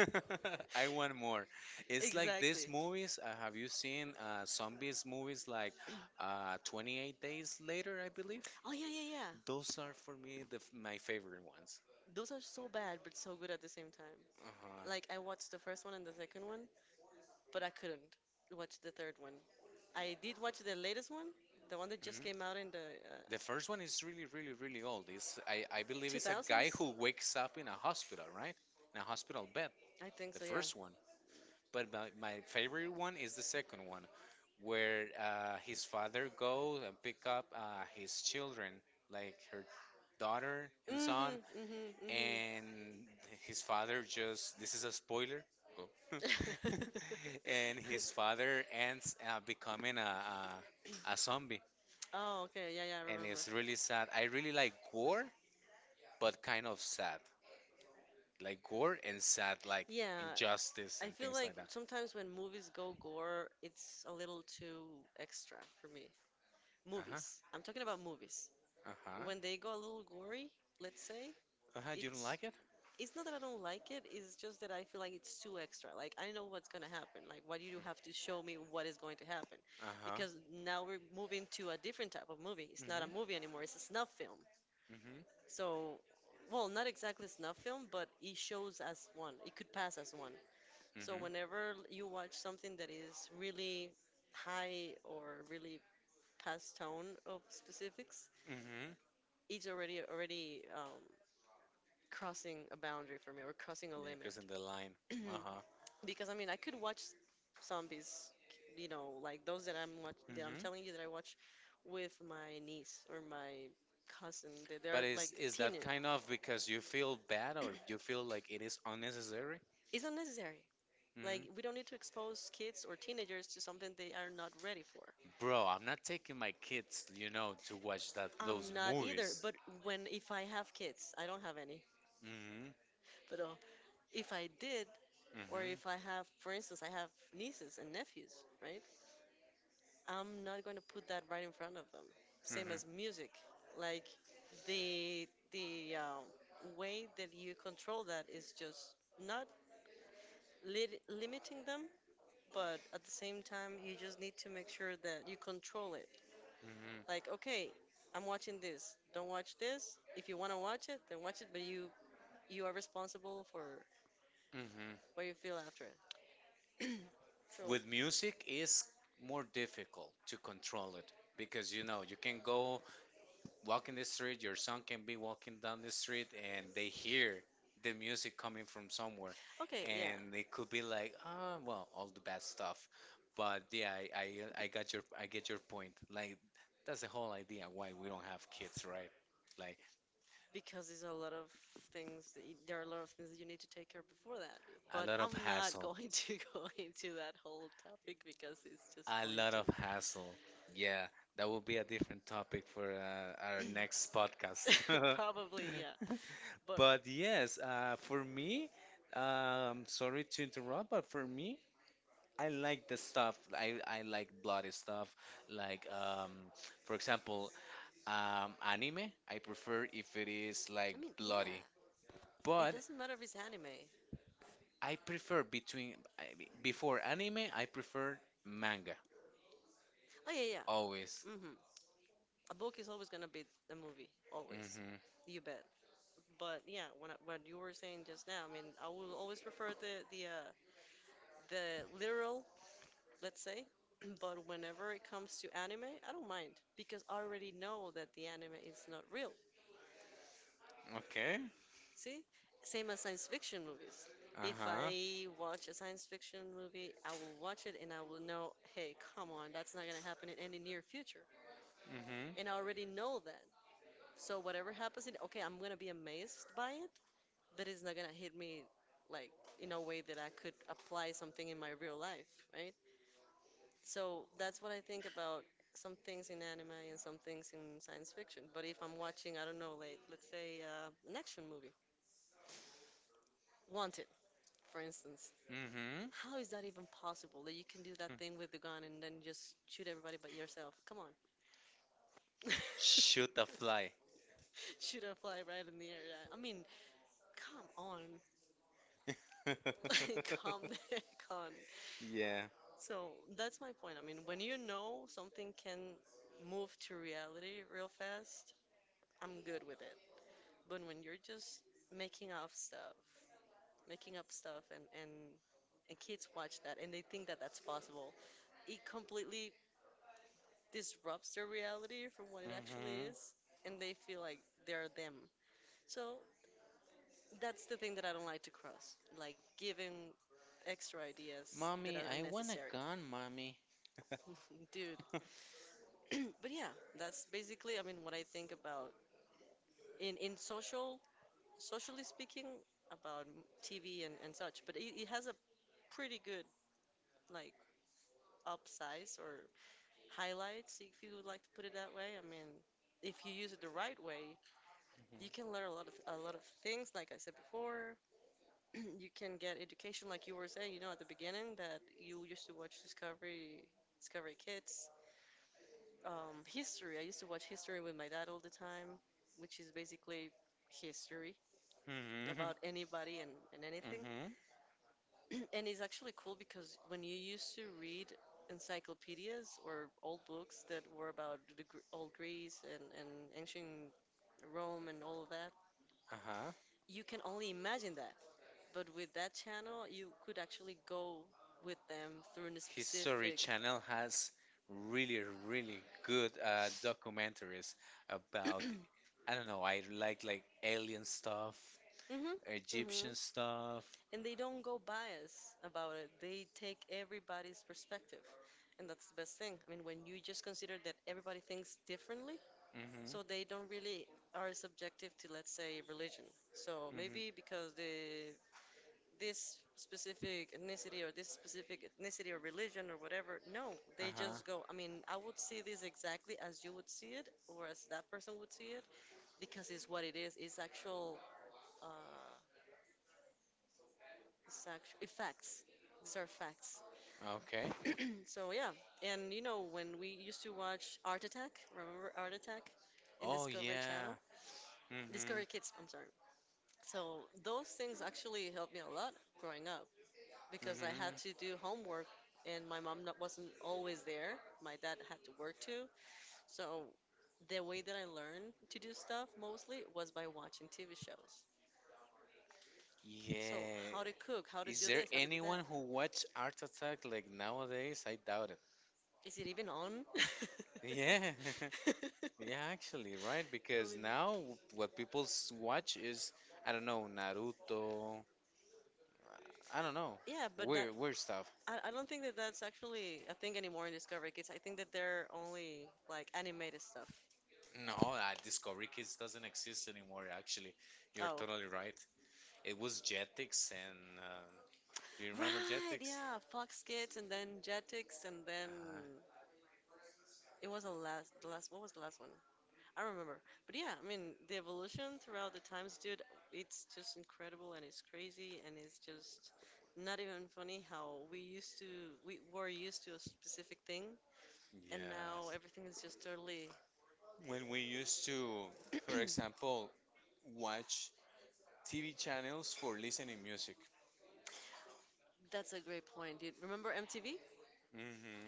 [SPEAKER 2] I want more. It's like these
[SPEAKER 1] Exactly.
[SPEAKER 2] movies. Have you seen zombies movies like 28 Days Later, I believe?
[SPEAKER 1] Oh yeah, yeah, yeah.
[SPEAKER 2] Those are for me my favorite ones.
[SPEAKER 1] Those are so bad but so good at the same time.
[SPEAKER 2] Uh-huh.
[SPEAKER 1] Like, I watched the first one and the second one, but I couldn't watch the third one. I did watch the latest one, the one that just
[SPEAKER 2] Mhm.
[SPEAKER 1] came out in the
[SPEAKER 2] The first one is really, really, really old. I believe it's a guy
[SPEAKER 1] 2000s.
[SPEAKER 2] who wakes up in a hospital, right? In a hospital bed.
[SPEAKER 1] I think
[SPEAKER 2] The
[SPEAKER 1] so, yeah.
[SPEAKER 2] first one. But my favorite one is the second one, where his father goes and pick up his children, like her daughter and son,
[SPEAKER 1] Mhm, mhm,
[SPEAKER 2] and his father just. This is a spoiler. Oh.
[SPEAKER 1] mhm.
[SPEAKER 2] And his father ends becoming a, a zombie,
[SPEAKER 1] Oh, okay, yeah, yeah, I
[SPEAKER 2] and
[SPEAKER 1] remember.
[SPEAKER 2] it's really sad. I really like gore, but kind of sad, like gore and sad, like
[SPEAKER 1] Yeah,
[SPEAKER 2] injustice
[SPEAKER 1] I
[SPEAKER 2] and
[SPEAKER 1] feel
[SPEAKER 2] things
[SPEAKER 1] like
[SPEAKER 2] like that.
[SPEAKER 1] sometimes when movies go gore, it's a little too extra for me.
[SPEAKER 2] Uh huh.
[SPEAKER 1] Movies. I'm talking about movies.
[SPEAKER 2] Uh huh.
[SPEAKER 1] When they go a little gory, let's say,
[SPEAKER 2] Uh huh.
[SPEAKER 1] it
[SPEAKER 2] You don't like it?
[SPEAKER 1] it's not that I don't like it, it's just that I feel like it's too extra. Like, I know what's gonna happen. Like, why do you have to show me what is going to happen?
[SPEAKER 2] Uh-huh.
[SPEAKER 1] Because now we're moving to a different type of movie. It's not a
[SPEAKER 2] Mm-hmm.
[SPEAKER 1] movie anymore, it's a snuff film.
[SPEAKER 2] Mm-hmm.
[SPEAKER 1] So, well, not exactly snuff film, but it shows as one. It could pass as one. So
[SPEAKER 2] Mm-hmm.
[SPEAKER 1] whenever you watch something that is really high or really past tone of specifics,
[SPEAKER 2] Mm-hmm.
[SPEAKER 1] it's already crossing a boundary for me, or crossing a
[SPEAKER 2] Yeah,
[SPEAKER 1] limit.
[SPEAKER 2] crossing the line. Uh-huh.
[SPEAKER 1] Because I mean, I could watch zombies, you know, like those that I'm
[SPEAKER 2] Mm-hmm.
[SPEAKER 1] telling you that I watch with my niece or my cousin.
[SPEAKER 2] But
[SPEAKER 1] They're like
[SPEAKER 2] is that
[SPEAKER 1] teenage.
[SPEAKER 2] kind of because you feel bad or you feel like it is unnecessary?
[SPEAKER 1] It's unnecessary.
[SPEAKER 2] Mm-hmm.
[SPEAKER 1] Like, we don't need to expose kids or teenagers to something they are not ready for.
[SPEAKER 2] Bro, I'm not taking my kids, you know, to watch that
[SPEAKER 1] I'm
[SPEAKER 2] those
[SPEAKER 1] not either.
[SPEAKER 2] movies.
[SPEAKER 1] But when, if I have kids, I don't have any.
[SPEAKER 2] Mm-hmm.
[SPEAKER 1] But if I did, or
[SPEAKER 2] Mm-hmm.
[SPEAKER 1] if I have, for instance, I have nieces and nephews, right? I'm not going to put that right in front of them.
[SPEAKER 2] Mm-hmm.
[SPEAKER 1] Same
[SPEAKER 2] Mm-hmm.
[SPEAKER 1] as music, like the the way that you control that is just not lit limiting them, but at the same time you just need to make sure that you control it. Like, okay, I'm watching this. Don't watch this. If you want to watch it, then watch it. But you are responsible for
[SPEAKER 2] Mm-hmm.
[SPEAKER 1] what you feel after it. So.
[SPEAKER 2] With music is more difficult to control it because you know you can go walking the street, your son can be walking down the street and they hear the music coming from somewhere.
[SPEAKER 1] Okay, yeah.
[SPEAKER 2] And it could be like, ah, well, all the bad stuff. But yeah, I got I get your point. Like, that's the whole idea why we don't have kids, right? Like,
[SPEAKER 1] Because there's a lot of things that you need to take care of before that.
[SPEAKER 2] a
[SPEAKER 1] But
[SPEAKER 2] lot of
[SPEAKER 1] I'm not
[SPEAKER 2] hassle,
[SPEAKER 1] going to go into that whole topic, because it's just
[SPEAKER 2] a
[SPEAKER 1] going
[SPEAKER 2] lot
[SPEAKER 1] to
[SPEAKER 2] of hassle. Yeah, that will be a different topic for our next podcast.
[SPEAKER 1] Probably, yeah. But
[SPEAKER 2] But yes, for me, sorry to interrupt, but for me, I like the stuff. I like bloody stuff. Like for example, anime. I prefer if it is like
[SPEAKER 1] I mean, yeah.
[SPEAKER 2] bloody.
[SPEAKER 1] It
[SPEAKER 2] But
[SPEAKER 1] doesn't matter if it's anime.
[SPEAKER 2] I prefer before anime. I prefer manga
[SPEAKER 1] Oh yeah, yeah.
[SPEAKER 2] always.
[SPEAKER 1] Hmm. A book is always gonna be a movie, always.
[SPEAKER 2] Mm-hmm.
[SPEAKER 1] You bet. But yeah, when I, what you were saying just now, I mean, I will always prefer the literal, let's say, but whenever it comes to anime, I don't mind because I already know that the anime is not real.
[SPEAKER 2] Okay.
[SPEAKER 1] See, same as science fiction movies. If
[SPEAKER 2] Uh-huh.
[SPEAKER 1] I watch a science fiction movie, I will watch it and I will know, hey, come on, that's not gonna happen in any near future,
[SPEAKER 2] Mm-hmm.
[SPEAKER 1] and I already know that. So whatever happens, in, okay, I'm gonna be amazed by it, that is not gonna hit me like in a way that I could apply something in my real life, right? So that's what I think about some things in anime and some things in science fiction. But if I'm watching, I don't know, like let's say an action movie, Wanted, for instance,
[SPEAKER 2] Mm-hmm.
[SPEAKER 1] how is that even possible that you can do that thing with the gun and then just shoot everybody but yourself? Come on.
[SPEAKER 2] Shoot a fly.
[SPEAKER 1] Shoot a fly right in the air. Yeah. I mean, come on. Like, calm down. Come on.
[SPEAKER 2] Yeah.
[SPEAKER 1] So that's my point. I mean, when you know something can move to reality real fast, I'm good with it. But when you're just making up stuff, making up stuff, and and kids watch that and they think that that's possible, it completely disrupts their reality from what it actually
[SPEAKER 2] Mm-hmm.
[SPEAKER 1] is, and they feel like they're them. So that's the thing that I don't like to cross, like giving extra ideas that
[SPEAKER 2] Mommy,
[SPEAKER 1] are
[SPEAKER 2] I want a
[SPEAKER 1] unnecessary.
[SPEAKER 2] gun, mommy.
[SPEAKER 1] Dude, but yeah, that's basically, I mean, what I think about in social, socially speaking, about TV and such. But it has a pretty good like upsize or highlights, if you would like to put it that way. I mean, if you use it the right way, you can learn a lot of things. Like I said before, you can get education, like you were saying, you know, at the beginning that you used to watch Discovery Kids. History. I used to watch history with my dad all the time, which is basically history
[SPEAKER 2] Mhm.
[SPEAKER 1] about anybody and anything.
[SPEAKER 2] Mhm.
[SPEAKER 1] And it's actually cool because when you used to read encyclopedias or old books that were about the old Greece, and ancient Rome and all of that,
[SPEAKER 2] Uh-huh.
[SPEAKER 1] you can only imagine that. But with that channel, you could actually go with them through a
[SPEAKER 2] History
[SPEAKER 1] specific.
[SPEAKER 2] Channel has really, really good documentaries about, I don't know, I like alien stuff,
[SPEAKER 1] Mm-hmm. Mm-hmm.
[SPEAKER 2] Egyptian stuff.
[SPEAKER 1] And they don't go biased about it. They take everybody's perspective, and that's the best thing. I mean, when you just consider that everybody thinks differently,
[SPEAKER 2] Mhm.
[SPEAKER 1] so they don't really are subjective to, let's say, religion. So
[SPEAKER 2] Mhm.
[SPEAKER 1] maybe because the this specific ethnicity or this specific ethnicity or religion or whatever, no, they
[SPEAKER 2] Uh-huh.
[SPEAKER 1] just go. I mean, I would see this exactly as you would see it or as that person would see it because it's what it is. Uh, it's actual facts. These are facts.
[SPEAKER 2] Okay.
[SPEAKER 1] So yeah, and you know when we used to watch Art Attack, remember Art Attack in
[SPEAKER 2] Oh
[SPEAKER 1] Discovery
[SPEAKER 2] yeah.
[SPEAKER 1] Channel?
[SPEAKER 2] Mhm.
[SPEAKER 1] Discovery Kids, I'm sorry. So those things actually helped me a lot growing up because I had
[SPEAKER 2] Mhm.
[SPEAKER 1] to do homework and my mom not, wasn't always there. My dad had to work too. So the way that I learned to do stuff mostly was by watching TV shows. So
[SPEAKER 2] Yeah.
[SPEAKER 1] how to cook, how to
[SPEAKER 2] Is
[SPEAKER 1] do
[SPEAKER 2] there
[SPEAKER 1] this, how to do
[SPEAKER 2] anyone
[SPEAKER 1] that.
[SPEAKER 2] who watch Art Attack like nowadays? I doubt it.
[SPEAKER 1] Is it even on?
[SPEAKER 2] Yeah.
[SPEAKER 1] I
[SPEAKER 2] Yeah, actually, right? Because
[SPEAKER 1] mean,
[SPEAKER 2] now what people watch is, I don't know, Naruto. I don't know,
[SPEAKER 1] yeah, but that
[SPEAKER 2] weird, weird stuff.
[SPEAKER 1] I don't think that that's actually a thing anymore in Discovery Kids. I think that they're only like animated stuff.
[SPEAKER 2] No, Discovery Kids doesn't exist anymore. Actually, you're
[SPEAKER 1] Oh,
[SPEAKER 2] totally right. It was Jetix, and do you remember
[SPEAKER 1] right,
[SPEAKER 2] Jetix?
[SPEAKER 1] yeah, Fox Kids and then Jetix and then
[SPEAKER 2] Uh-huh.
[SPEAKER 1] it was the last, what was the last one? I don't remember. But yeah, I mean, the evolution throughout the times, dude, it's just incredible and it's crazy and it's just not even funny how we were used to a specific thing and now
[SPEAKER 2] Yes.
[SPEAKER 1] everything is just totally,
[SPEAKER 2] When we used to, for example, watch TV channels for listening music.
[SPEAKER 1] that's a great point, dude. Remember MTV?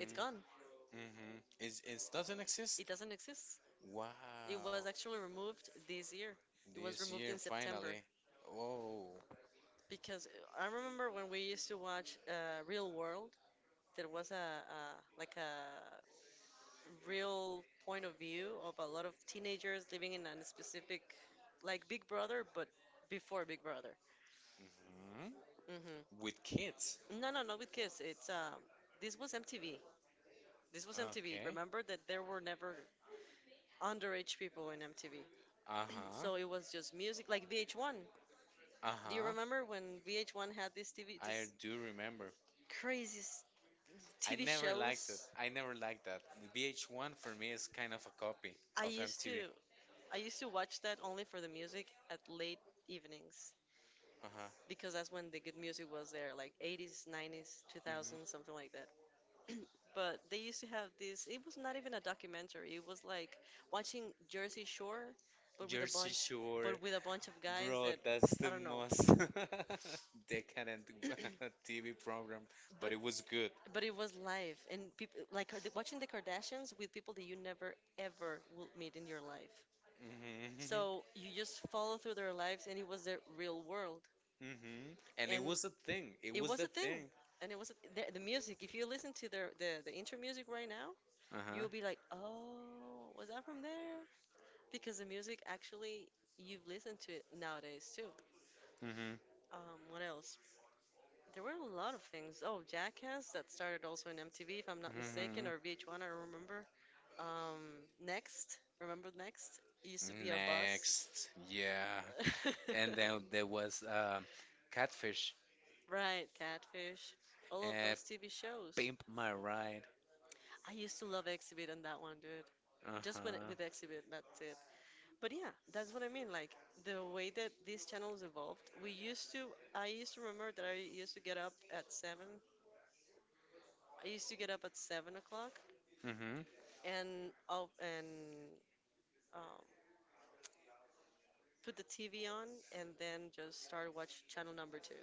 [SPEAKER 1] It's gone.
[SPEAKER 2] Mm-hmm. It doesn't exist?
[SPEAKER 1] It doesn't exist. It was
[SPEAKER 2] Wow.
[SPEAKER 1] actually removed this year. It was
[SPEAKER 2] This
[SPEAKER 1] removed in
[SPEAKER 2] year,
[SPEAKER 1] September
[SPEAKER 2] finally. Oh,
[SPEAKER 1] because I remember when we used to watch Real World, there was a like a real point of view of a lot of teenagers living in a specific like Big Brother, but before Big Brother.
[SPEAKER 2] hmm
[SPEAKER 1] Hmm.
[SPEAKER 2] with kids.
[SPEAKER 1] No, no, not with kids. It's this was MTV. This was MTV.
[SPEAKER 2] Okay.
[SPEAKER 1] Remember that there were never underage people in MTV,
[SPEAKER 2] Uh-huh.
[SPEAKER 1] so it was just music like VH1. Do you
[SPEAKER 2] Uh-huh.
[SPEAKER 1] remember when VH1 had this TV,
[SPEAKER 2] I
[SPEAKER 1] this
[SPEAKER 2] do remember.
[SPEAKER 1] crazy
[SPEAKER 2] I
[SPEAKER 1] TV
[SPEAKER 2] never liked it.
[SPEAKER 1] shows?
[SPEAKER 2] I never liked that. The VH1 for me is kind of a copy
[SPEAKER 1] I
[SPEAKER 2] of
[SPEAKER 1] used
[SPEAKER 2] MTV.
[SPEAKER 1] to, I used to watch that only for the music at late evenings
[SPEAKER 2] Uh-huh.
[SPEAKER 1] because that's when the good music was there, like 80s, 90s, 2000s,
[SPEAKER 2] Hmm.
[SPEAKER 1] something like that. But they used to have this. It was not even a documentary. It was like watching Jersey Shore, but with a
[SPEAKER 2] Jersey
[SPEAKER 1] bunch,
[SPEAKER 2] Shore,
[SPEAKER 1] but with a bunch of guys
[SPEAKER 2] bro,
[SPEAKER 1] that
[SPEAKER 2] that's
[SPEAKER 1] I
[SPEAKER 2] the
[SPEAKER 1] don't know.
[SPEAKER 2] most decadent TV program, but
[SPEAKER 1] But
[SPEAKER 2] it was good.
[SPEAKER 1] but it was live, and people like watching the Kardashians with people that you never ever will meet in your life. So
[SPEAKER 2] Hmm.
[SPEAKER 1] you just follow through their lives, and it was their real world,
[SPEAKER 2] Hmm. And it
[SPEAKER 1] and
[SPEAKER 2] was a thing. It
[SPEAKER 1] it
[SPEAKER 2] was
[SPEAKER 1] was
[SPEAKER 2] the
[SPEAKER 1] a thing,
[SPEAKER 2] thing.
[SPEAKER 1] and it was the music. If you listen to their the intro music right now,
[SPEAKER 2] Uh-huh.
[SPEAKER 1] you'll be like, oh, was that from there? Because the music actually you've listened to it nowadays too.
[SPEAKER 2] Hmm.
[SPEAKER 1] What else? There were a lot of things. Oh, Jackass that started also in MTV, if I'm not mistaken,
[SPEAKER 2] Hmm.
[SPEAKER 1] or VH1. I don't remember. Next, remember Next? It used to be a bus.
[SPEAKER 2] Next, yeah. And then there was Catfish,
[SPEAKER 1] Right, Catfish. All of
[SPEAKER 2] uh,
[SPEAKER 1] those TV shows.
[SPEAKER 2] Pimp My Ride.
[SPEAKER 1] I used to love Exhibit on that one, dude. Just when
[SPEAKER 2] Uh-huh.
[SPEAKER 1] with Exhibit, that's it. But yeah, that's what I mean. Like the way that these channels evolved, we used to. I used to remember that I used to get up at seven. I used to get up at 7 o'clock
[SPEAKER 2] Mm-hmm.
[SPEAKER 1] and I'll and um, put the TV on and then just start watch channel number two,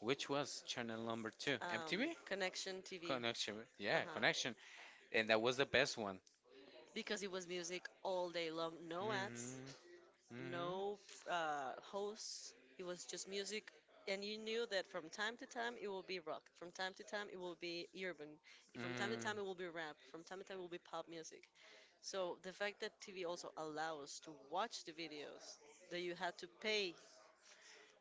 [SPEAKER 2] Which was channel number two?
[SPEAKER 1] um,
[SPEAKER 2] MTV?
[SPEAKER 1] Connection TV.
[SPEAKER 2] Connection.
[SPEAKER 1] Uh
[SPEAKER 2] Yeah,
[SPEAKER 1] huh.
[SPEAKER 2] Connection. And that was the best one.
[SPEAKER 1] Because it was music all day long, no ads,
[SPEAKER 2] Mm-hmm. Mm-hmm.
[SPEAKER 1] no hosts. It was just music, and you knew that from time to time it will be rock, from time to time it will be urban, from time to
[SPEAKER 2] Mm.
[SPEAKER 1] time it will be rap, from time to time it will be pop music. So the fact that TV also allows to watch the videos that you had to pay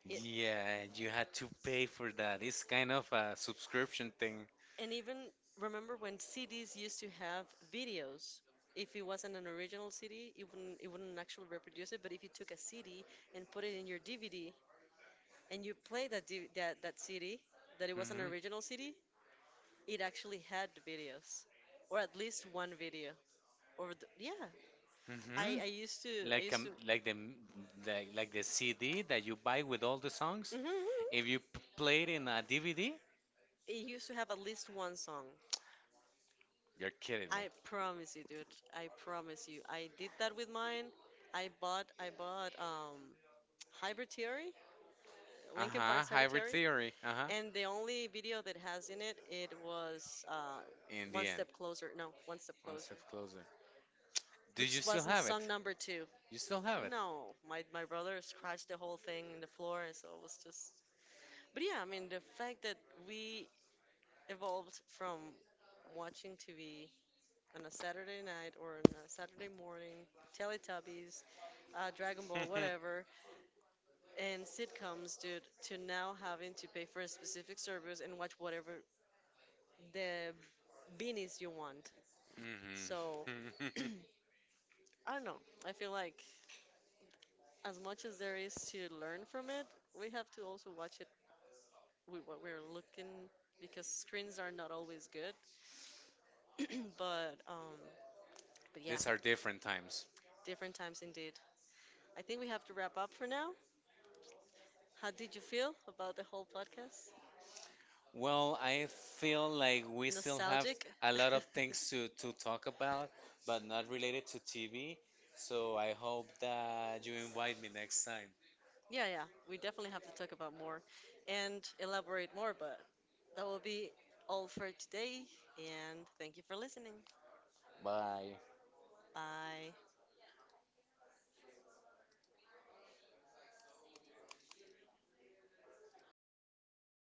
[SPEAKER 1] it.
[SPEAKER 2] Yeah, you had to pay for that. It's kind of a subscription thing.
[SPEAKER 1] And even remember when CDs used to have videos. If it wasn't an original CD, it wouldn't actually reproduce it. But if you took a CD and put it in your DVD and you play that D that that CD, that it was an
[SPEAKER 2] Mm-hmm.
[SPEAKER 1] original CD, it actually had videos, or at least one video. Or the, yeah, I
[SPEAKER 2] Mm-hmm.
[SPEAKER 1] I used to I used to.
[SPEAKER 2] Like the like the CD that you buy with all the songs.
[SPEAKER 1] Mhm.
[SPEAKER 2] If you play it in a DVD,
[SPEAKER 1] It used to have at least one song.
[SPEAKER 2] you're kidding me.
[SPEAKER 1] I promise you, dude. I promise you. I did that with mine. I bought Hybrid Theory,
[SPEAKER 2] Uh
[SPEAKER 1] Linkin
[SPEAKER 2] huh.
[SPEAKER 1] Park's Hybrid
[SPEAKER 2] Hybrid
[SPEAKER 1] Theory,
[SPEAKER 2] Theory. Uh huh.
[SPEAKER 1] and the only video that has in it, it was
[SPEAKER 2] In the
[SPEAKER 1] One
[SPEAKER 2] end,
[SPEAKER 1] Step Closer. No, One Step
[SPEAKER 2] one
[SPEAKER 1] Closer,
[SPEAKER 2] step closer. Do you
[SPEAKER 1] which
[SPEAKER 2] still
[SPEAKER 1] wasn't
[SPEAKER 2] have
[SPEAKER 1] song
[SPEAKER 2] it?
[SPEAKER 1] number two.
[SPEAKER 2] You still have it.
[SPEAKER 1] No, my brother scratched the whole thing in the floor, so it was just. But yeah, I mean the fact that we evolved from watching TV on a Saturday night or on a Saturday morning, Teletubbies, Dragon Ball, whatever, and sitcoms, dude, to now having to pay for a specific service and watch whatever the beanies you want.
[SPEAKER 2] Hmm.
[SPEAKER 1] So, I don't know. I feel like as much as there is to learn from it, we have to also watch it with what we're looking because screens are not always good. But um, but yeah,
[SPEAKER 2] These are different times.
[SPEAKER 1] different times indeed. I think we have to wrap up for now. How did you feel about the whole podcast?
[SPEAKER 2] Well, I feel like we still have
[SPEAKER 1] Nostalgic?
[SPEAKER 2] a lot of things to talk about, but not related to TV. So I hope that you invite me next time.
[SPEAKER 1] Yeah, yeah, we definitely have to talk about more and elaborate more, but that will be all for today. And thank you for listening.
[SPEAKER 2] Bye.
[SPEAKER 1] Bye.